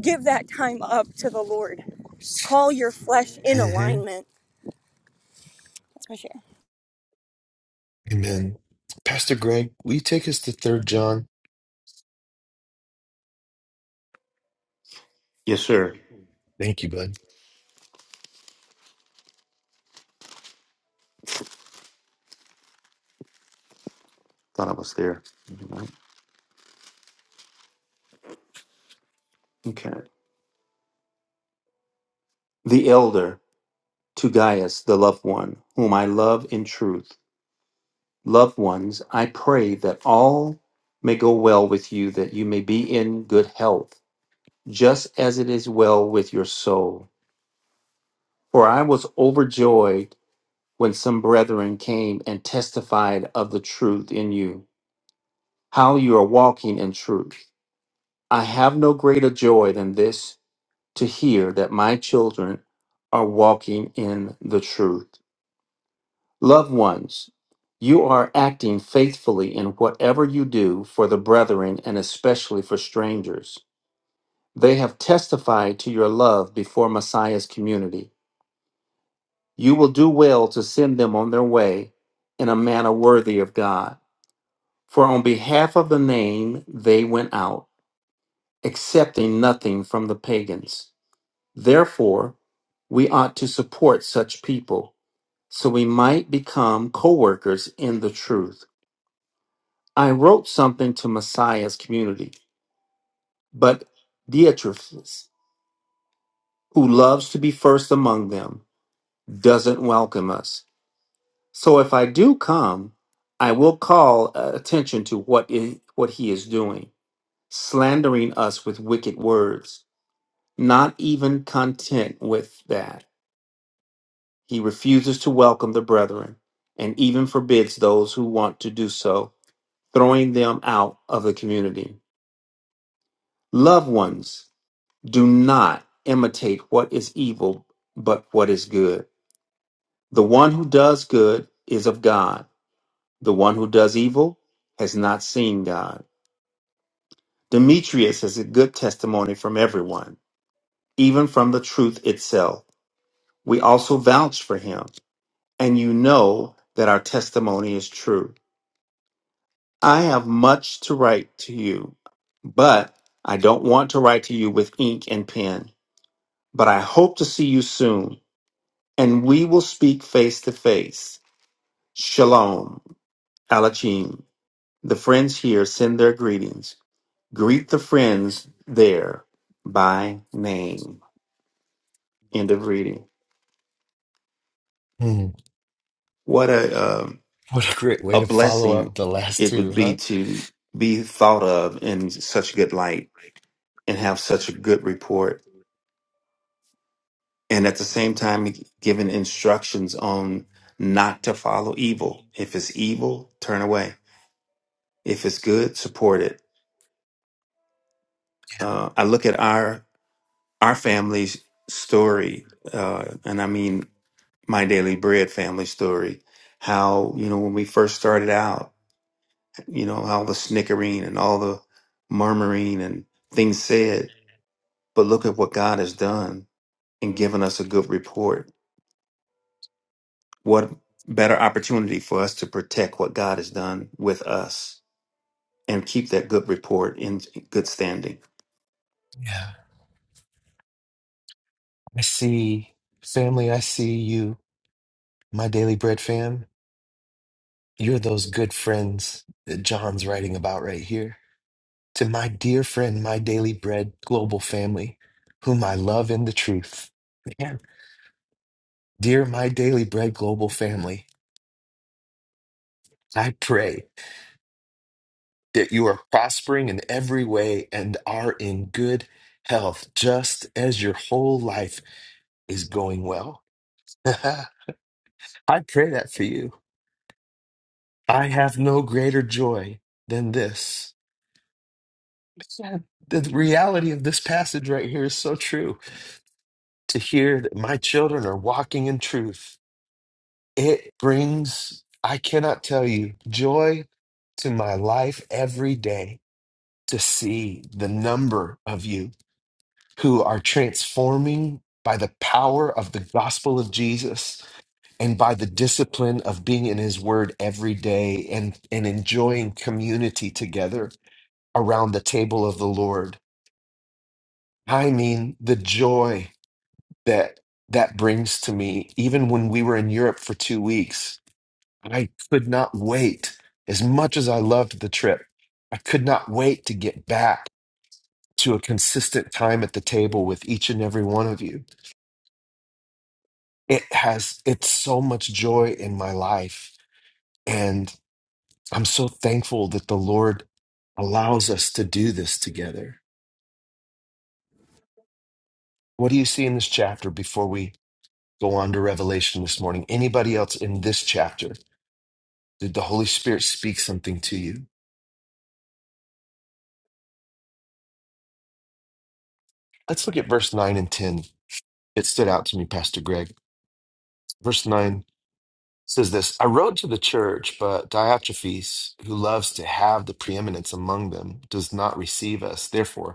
Speaker 11: give that time up to the Lord. Call your flesh in
Speaker 1: hmm
Speaker 11: alignment. That's my share.
Speaker 1: Amen. Pastor Greg, will you take us to Third John?
Speaker 6: Yes, sir.
Speaker 1: Thank you, bud.
Speaker 6: Thought I was there. Okay. The elder to Gaius, the loved one, whom I love in truth. loved ones, I pray that all may go well with you, that you may be in good health, just as it is well with your soul. For I was overjoyed when some brethren came and testified of the truth in you, how you are walking in truth. I have no greater joy than this to hear that my children are walking in the truth. Loved ones, you are acting faithfully in whatever you do for the brethren and especially for strangers. They have testified to your love before Messiah's community. You will do well to send them on their way in a manner worthy of God. For on behalf of the name they went out, accepting nothing from the pagans. Therefore, we ought to support such people so we might become co workers in the truth. I wrote something to Messiah's community, but Diotrephes, who loves to be first among them, doesn't welcome us. So if I do come, I will call uh, attention to what i- what he is doing, slandering us with wicked words. Not even content with that, he refuses to welcome the brethren, and even forbids those who want to do so, throwing them out of the community. Loved ones, Do not imitate what is evil, but what is good. The one who does good is of God. The one who does evil has not seen God. Demetrius has a good testimony from everyone, even from the truth itself. We also vouch for him, and you know that our testimony is true. I have much to write to you, but I don't want to write to you with ink and pen. But I hope to see you soon and we will speak face to face. Shalom, Alachim. The friends here send their greetings. Greet the friends there by name. End of reading.
Speaker 1: Hmm.
Speaker 6: What a um
Speaker 1: What a great way
Speaker 6: a
Speaker 1: to follow
Speaker 6: blessing
Speaker 1: up the last
Speaker 6: it
Speaker 1: two,
Speaker 6: would be
Speaker 1: huh?
Speaker 6: to be thought of in such good light and have such a good report, and at the same time given instructions on not to follow evil. If it's evil, turn away. If it's good, support it uh, I look at our our family's story, uh, and I mean my daily bread family story, how, you know, when we first started out, you know, all the snickering and all the murmuring and things said, but look at what God has done and given us a good report. What better opportunity for us to protect what God has done with us and keep that good report in good standing.
Speaker 1: Yeah. I see family, I see you, my daily bread fam. You're those good friends that John's writing about right here. To my dear friend, my daily bread global family, whom I love in the truth. Man, dear my daily bread global family, I pray that you are prospering in every way and are in good health, just as your whole life is going well. I pray that for you. I have no greater joy than this. The reality of this passage right here is so true. To hear that my children are walking in truth, it brings, I cannot tell you, joy to my life every day to see the number of you who are transforming by the power of the gospel of Jesus. and by the discipline of being in his word every day and and enjoying community together around the table of the lord i mean the joy that that brings to me even when we were in europe for 2 weeks i could not wait as much as i loved the trip i could not wait to get back to a consistent time at the table with each and every one of you it has it's so much joy in my life and I'm so thankful that the Lord allows us to do this together. What do you see in this chapter before we go on to Revelation this morning? Anybody else in this chapter? Did the Holy Spirit speak something to you? Let's look at verse 9 and 10. It stood out to me, Pastor Greg. Verse 9 says this I wrote to the church, but Diotrephes, who loves to have the preeminence among them, does not receive us. Therefore,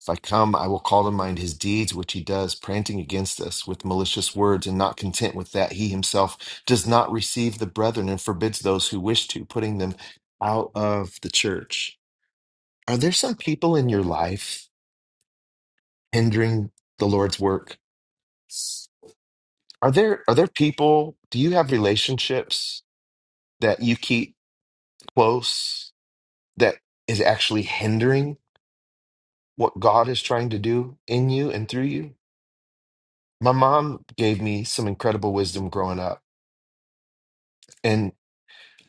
Speaker 1: If I come, I will call to mind his deeds which he does, prating against us with malicious words, and not content with that, he himself does not receive the brethren and forbids those who wish to, putting them out of the church. Are there some people in your life hindering the Lord's work? Are there are there people, do you have relationships that you keep close that is actually hindering what God is trying to do in you and through you? My mom gave me some incredible wisdom growing up, and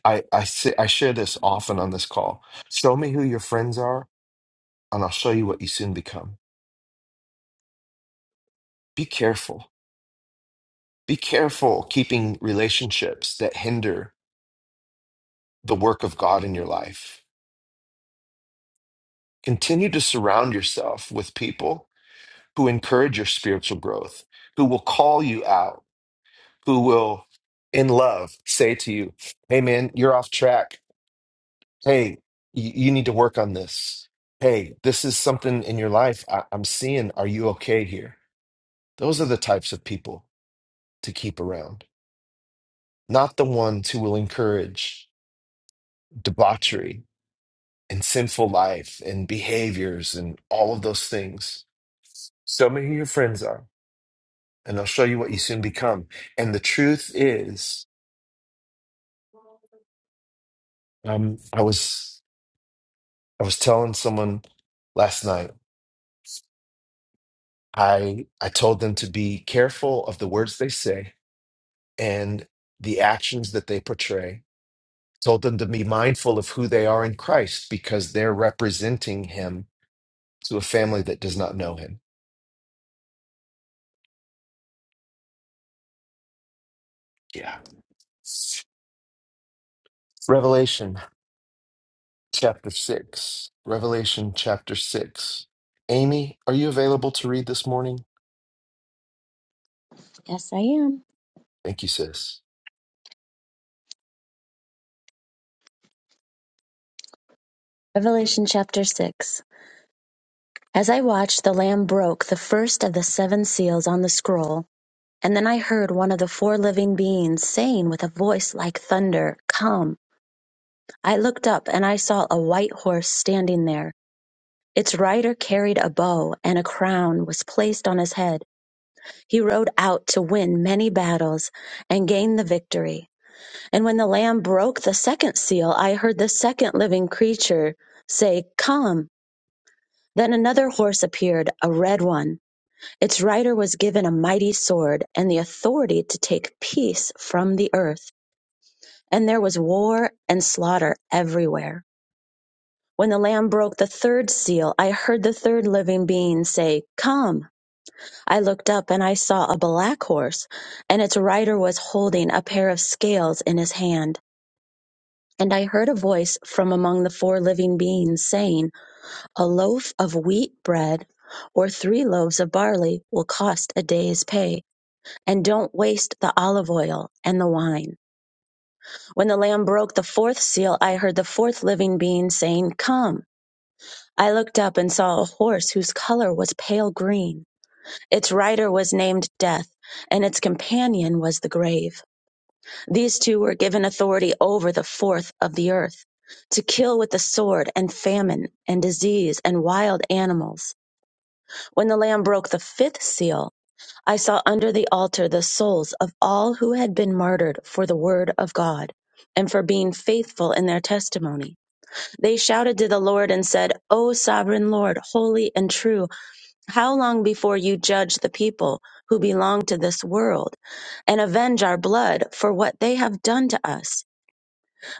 Speaker 1: I I, say, I share this often on this call. Show me who your friends are, and I'll show you what you soon become. Be careful. Be careful keeping relationships that hinder the work of God in your life. Continue to surround yourself with people who encourage your spiritual growth, who will call you out, who will, in love, say to you, "Hey, man, you're off track. hey, you, you need to work on this. Hey, this is something in your life I, I'm seeing. Are you okay here? Those are the types of people to keep around, not the ones who will encourage debauchery and sinful life and behaviors and all of those things. Show me who your friends are, and I'll show you what you soon become. And the truth is, um, I was I was telling someone last night. I I told them to be careful of the words they say and the actions that they portray, told them to be mindful of who they are in Christ because they're representing him to a family that does not know him. Yeah. Revelation chapter 6. Revelation chapter 6. Amy, are you available to read this morning?
Speaker 3: Yes, I am.
Speaker 1: Thank you, sis.
Speaker 3: Revelation chapter 6. As I watched, the Lamb broke the first of the seven seals on the scroll. And then I heard one of the four living beings saying with a voice like thunder, Come. I looked up and I saw a white horse standing there. Its rider carried a bow and a crown was placed on his head. He rode out to win many battles and gain the victory. And when the lamb broke the second seal, I heard the second living creature say, Come. Then another horse appeared, a red one. Its rider was given a mighty sword and the authority to take peace from the earth And there was war and slaughter everywhere. When the Lamb broke the third seal, I heard the third living being say, Come. I looked up and I saw a black horse, and its rider was holding a pair of scales in his hand. And I heard a voice from among the four living beings saying, A loaf of wheat bread or three loaves of barley will cost a day's pay, and don't waste the olive oil and the wine. When the Lamb broke the fourth seal, I heard the fourth living being saying, Come. I looked up and saw a horse whose color was pale green. Its rider was named Death, and its companion was the grave. These two were given authority over the fourth of the earth. To kill with the sword and famine and disease and wild animals. When the Lamb broke the fifth seal, I saw under the altar the souls of all who had been martyred for the word of God and for being faithful in their testimony. They shouted to the Lord and said, O sovereign Lord, holy and true, how long before you judge the people who belong to this world and avenge our blood for what they have done to us?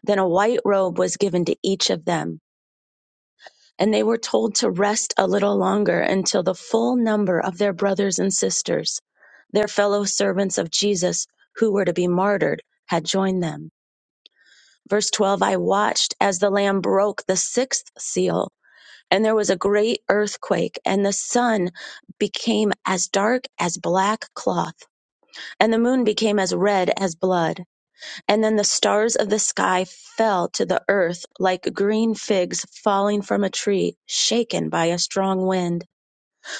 Speaker 3: Then a white robe was given to each of them, and they were told to rest a little longer until the full number of their brothers and sisters, their fellow servants of Jesus who were to be martyred, had joined them. Verse 12 I watched as the Lamb broke the sixth seal and there was a great earthquake, and the sun became as dark as black cloth, and the moon became as red as blood. And then the stars of the sky fell to the earth like green figs falling from a tree, shaken by a strong wind.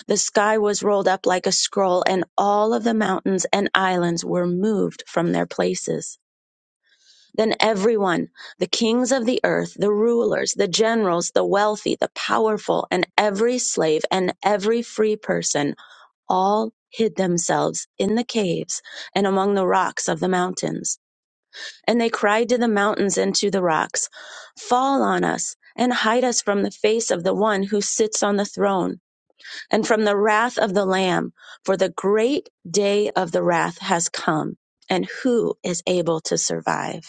Speaker 3: The sky was rolled up like a scroll, and all of the mountains and islands were moved from their places. Then everyone, the kings of the earth, the rulers, the generals, the wealthy, the powerful, and every slave and every free person, all hid themselves in the caves and among the rocks of the mountains. And they cried to the mountains and to the rocks, Fall on us and hide us from the face of the one who sits on the throne and from the wrath of the Lamb, for the great day of the wrath has come. And who is able to survive?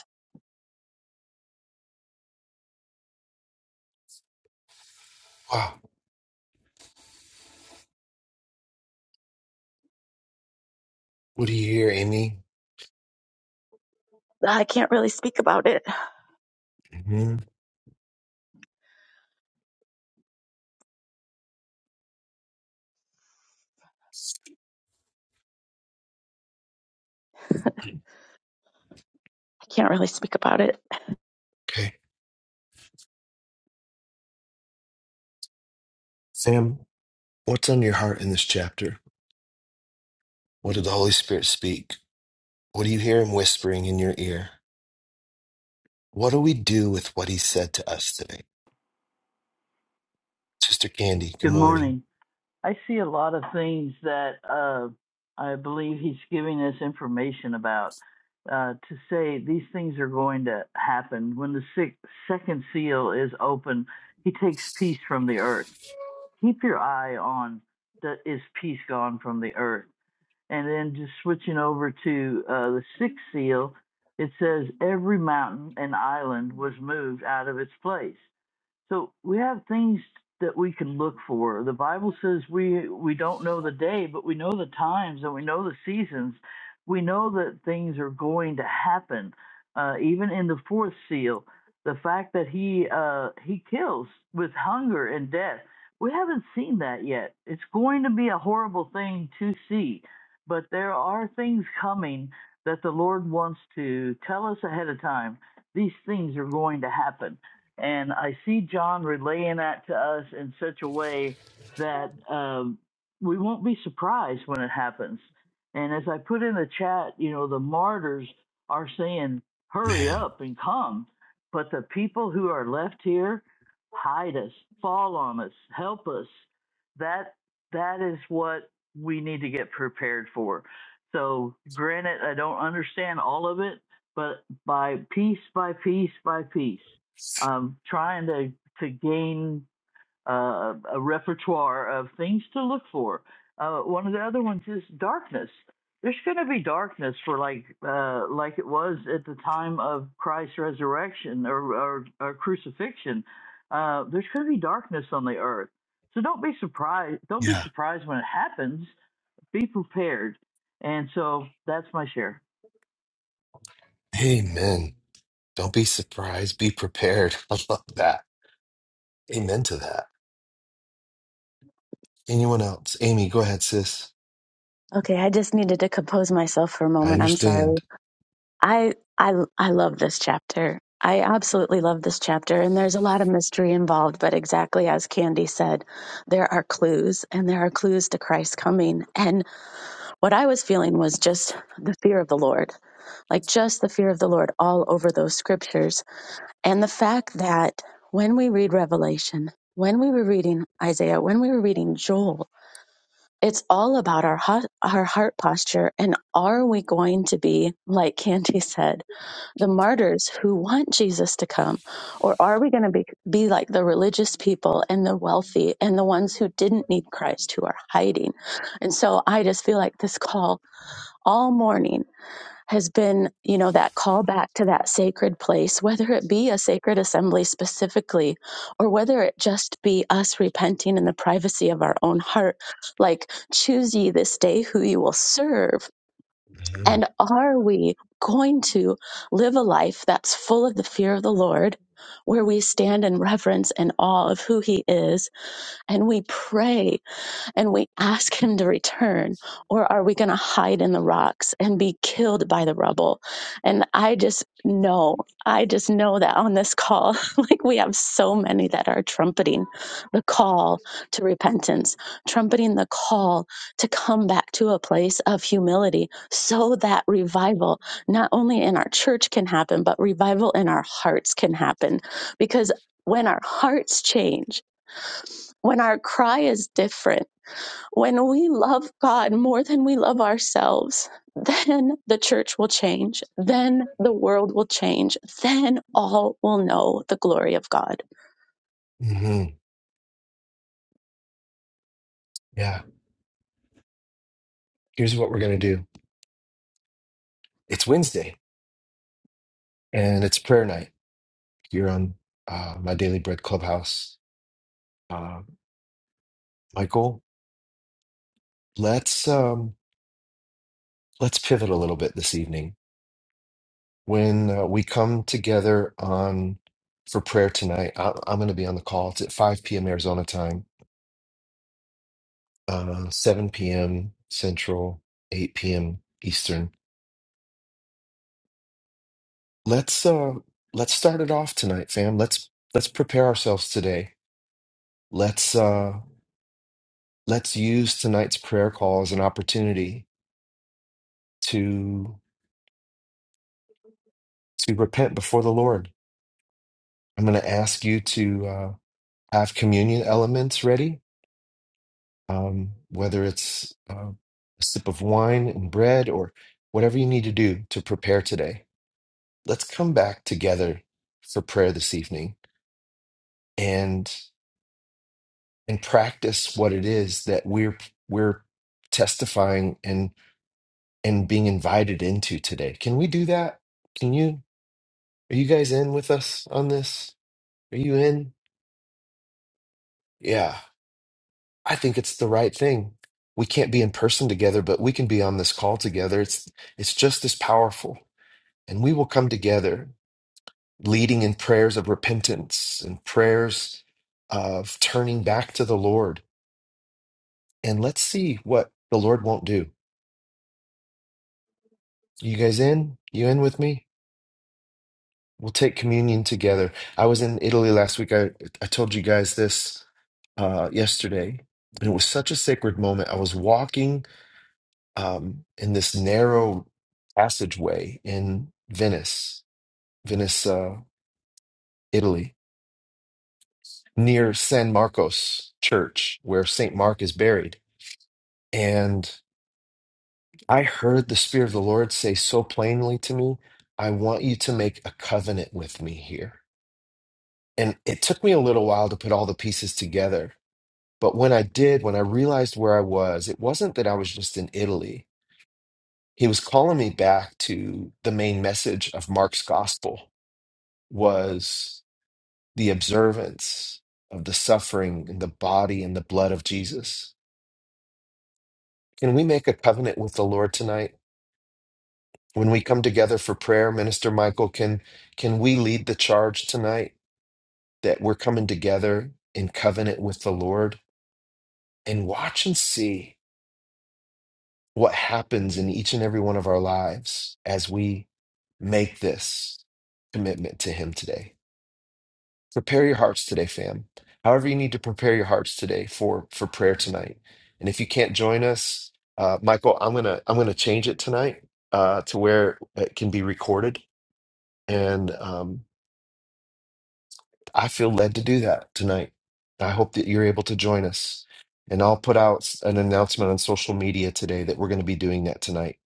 Speaker 1: Wow. What do you hear, Amy?
Speaker 3: I can't really speak about it.
Speaker 1: hmm
Speaker 3: I can't really speak about it.
Speaker 1: Okay. Sam, what's on your heart in this chapter? What did the Holy Spirit speak? What do you hear him whispering in your ear? What do we do with what he said to us today? Sister Candy, good
Speaker 12: Good
Speaker 1: morning.
Speaker 12: morning. I see a lot of things that uh, I believe he's giving us information about uh, to say these things are going to happen. When the six, second seal is open, he takes peace from the earth. Keep your eye on the, is peace gone from the earth? And then just switching over to uh, the sixth seal, it says every mountain and island was moved out of its place. So we have things that we can look for. The Bible says we we don't know the day, but we know the times and we know the seasons. We know that things are going to happen. Uh, even in the fourth seal, the fact that he uh, he kills with hunger and death, we haven't seen that yet. It's going to be a horrible thing to see, but there are things coming that the Lord wants to tell us ahead of time. These things are going to happen and I see John relaying that to us in such a way that um, we won't be surprised when it happens. And as I put in the chat, you know, the martyrs are saying, hurry
Speaker 1: Man,
Speaker 12: up and come. But the people who are left here, hide us, fall on us, help us. That that is what we need to get prepared for. So granted, I don't understand all of it, but by piece by piece by piece um, trying to to gain uh, a repertoire of things to look for. Uh, one of the other ones is darkness. There's going to be darkness for like uh, like it was at the time of Christ's resurrection or, or, or crucifixion. Uh, there's going to be darkness on the earth. So don't be surprised. Don't be surprised when it happens. Be prepared. And so that's my share.
Speaker 1: amen. Don't be surprised, be prepared. I love that. Amen to that. Anyone else? Amy, go ahead, sis.
Speaker 3: Okay, I just needed to compose myself for a
Speaker 1: I
Speaker 3: moment. I'm sorry.
Speaker 1: understand.
Speaker 3: I I I love this chapter. I absolutely love this chapter and there's a lot of mystery involved, but exactly as Candy said, there are clues and there are clues to Christ's coming. And what I was feeling was just the fear of the Lord. Like just the fear of the Lord all over those scriptures and the fact that when we read Revelation, when we were reading Isaiah, when we were reading Joel, it's all about our hot, our heart posture and are we going to be like Candy said the martyrs who want Jesus to come or are we going to be be like the religious people and the wealthy and the ones who didn't need Christ who are hiding and so I just feel like this call all morning has been, you know, that call back to that sacred place, whether it be a sacred assembly specifically, or whether it just be us repenting in the privacy of our own heart. Like, choose ye this day who you will serve.
Speaker 1: hmm
Speaker 3: And are we going to live a life that's full of the fear of the Lord, where we stand in reverence and awe of who he is, and we pray? and we ask him to return or are we going to hide in the rocks and be killed by the rubble and i just know i just know that on this call like we have so many that are trumpeting the call to repentance trumpeting the call to come back to a place of humility so that revival not only in our church can happen but revival in our hearts can happen because when our hearts change when our cry is different when we love God more than we love ourselves, then the church will change. Then the world will change. Then all will know the glory of God.
Speaker 1: hmm Yeah. Here's what we're going to do it's Wednesday, and it's prayer night here on uh, my Daily Bread Clubhouse. Uh, Michael, let's. Um, Let's pivot a little bit this evening when uh, we come together on for prayer tonight I, i'm going to be on the call it's at 5 p.m arizona time uh, 7 p.m central 8 p.m eastern let's uh let's start it off tonight fam let's let's prepare ourselves today let's uh let's use tonight's prayer call as an opportunity to to repent before the lord i'm going to ask you to uh, have communion elements ready um, whether it's uh, a sip of wine and bread or whatever you need to do to prepare today. Let's come back together for prayer this evening and and practice what it is that we're we're testifying and and being invited into today. Can we do that? Can you? Are you guys in with us on this? Are you in? Yeah, I think it's the right thing. We can't be in person together, but we can be on this call together. It's it's just as powerful and we will come together leading in prayers of repentance and prayers of turning back to the Lord. And let's see what the Lord won't do. You guys in? You in with me? We'll take communion together. I was in Italy last week. I, I told you guys this uh, yesterday, and it was such a sacred moment. I was walking um, in this narrow passageway in Venice, Venice, uh, Italy, near San Marcos Church, where St. Mark is buried. And I heard the Spirit of the Lord say so plainly to me, I want you to make a covenant with me here. And it took me a little while to put all the pieces together. But when I did, when I realized where I was, it wasn't that I was just in Italy. He was calling me back to the main message of Mark's gospel was the observance of the suffering and the body and the blood of Jesus Can we make a covenant with the Lord tonight? When we come together for prayer, Minister Michael, can can we lead the charge tonight that we're coming together in covenant with the Lord and watch and see what happens in each and every one of our lives as we make this commitment to him today? prepare your hearts today fam however you need to prepare your hearts today for for prayer tonight and if you can't join us uh, michael i'm gonna i'm gonna change it tonight uh, to where it can be recorded and um, i feel led to do that tonight i hope that you're able to join us and i'll put out an announcement on social media today that we're going to be doing that tonight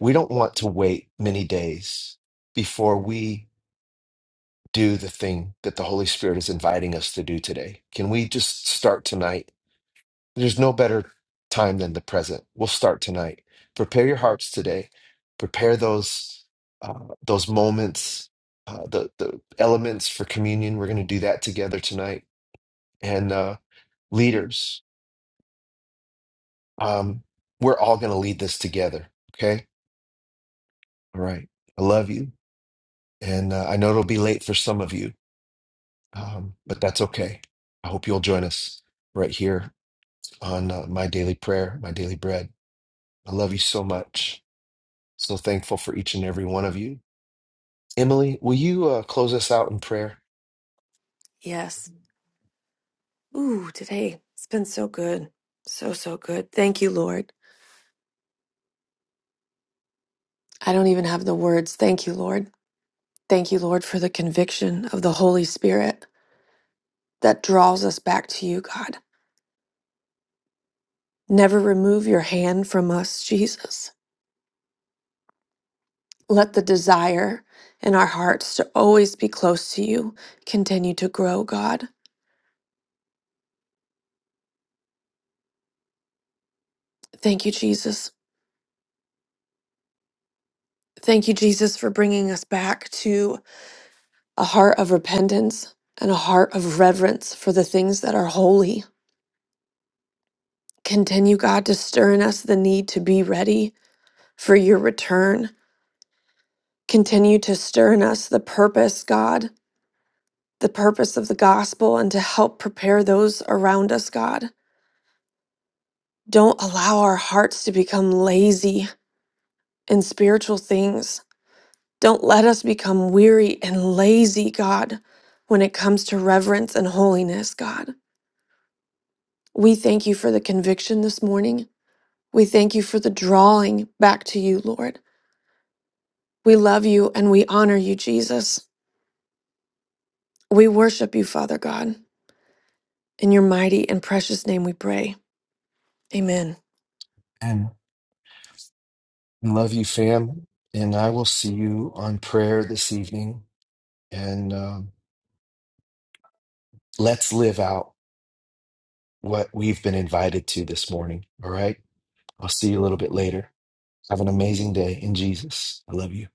Speaker 1: we don't want to wait many days before we do the thing that the Holy Spirit is inviting us to do today? Can we just start tonight? There's no better time than the present. We'll start tonight. Prepare your hearts today. Prepare those uh, those moments, uh, the the elements for communion. We're going to do that together tonight. And uh, leaders, um, we're all going to lead this together. Okay. All right. I love you, and uh, I know it'll be late for some of you, um, but that's okay. I hope you'll join us right here on uh, my daily prayer, my daily bread. I love you so much. So thankful for each and every one of you. Emily, will you uh, close us out in prayer?
Speaker 13: Yes. Ooh, today it's been so good. So, so good. Thank you, Lord. I don't even have the words. Thank you, Lord. Thank you, Lord, for the conviction of the Holy Spirit that draws us back to you, God. Never remove your hand from us, Jesus. Let the desire in our hearts to always be close to you continue to grow, God. Thank you, Jesus. Thank you, Jesus, for bringing us back to a heart of repentance and a heart of reverence for the things that are holy Continue, God, to stir in us the need to be ready for your return. Continue to stir in us the purpose, God, the purpose of the gospel, and to help prepare those around us, God. Don't allow our hearts to become lazy in spiritual things. Don't let us become weary and lazy, God, when it comes to reverence and holiness, God. We thank you for the conviction this morning. We thank you for the drawing back to you, Lord. We love you and we honor you, Jesus. We worship you, Father God. In your mighty and precious name we pray. Amen.
Speaker 1: And I love you, fam. And I will see you on prayer this evening. And um, let's live out what we've been invited to this morning. All right. I'll see you a little bit later. Have an amazing day in Jesus. I love you.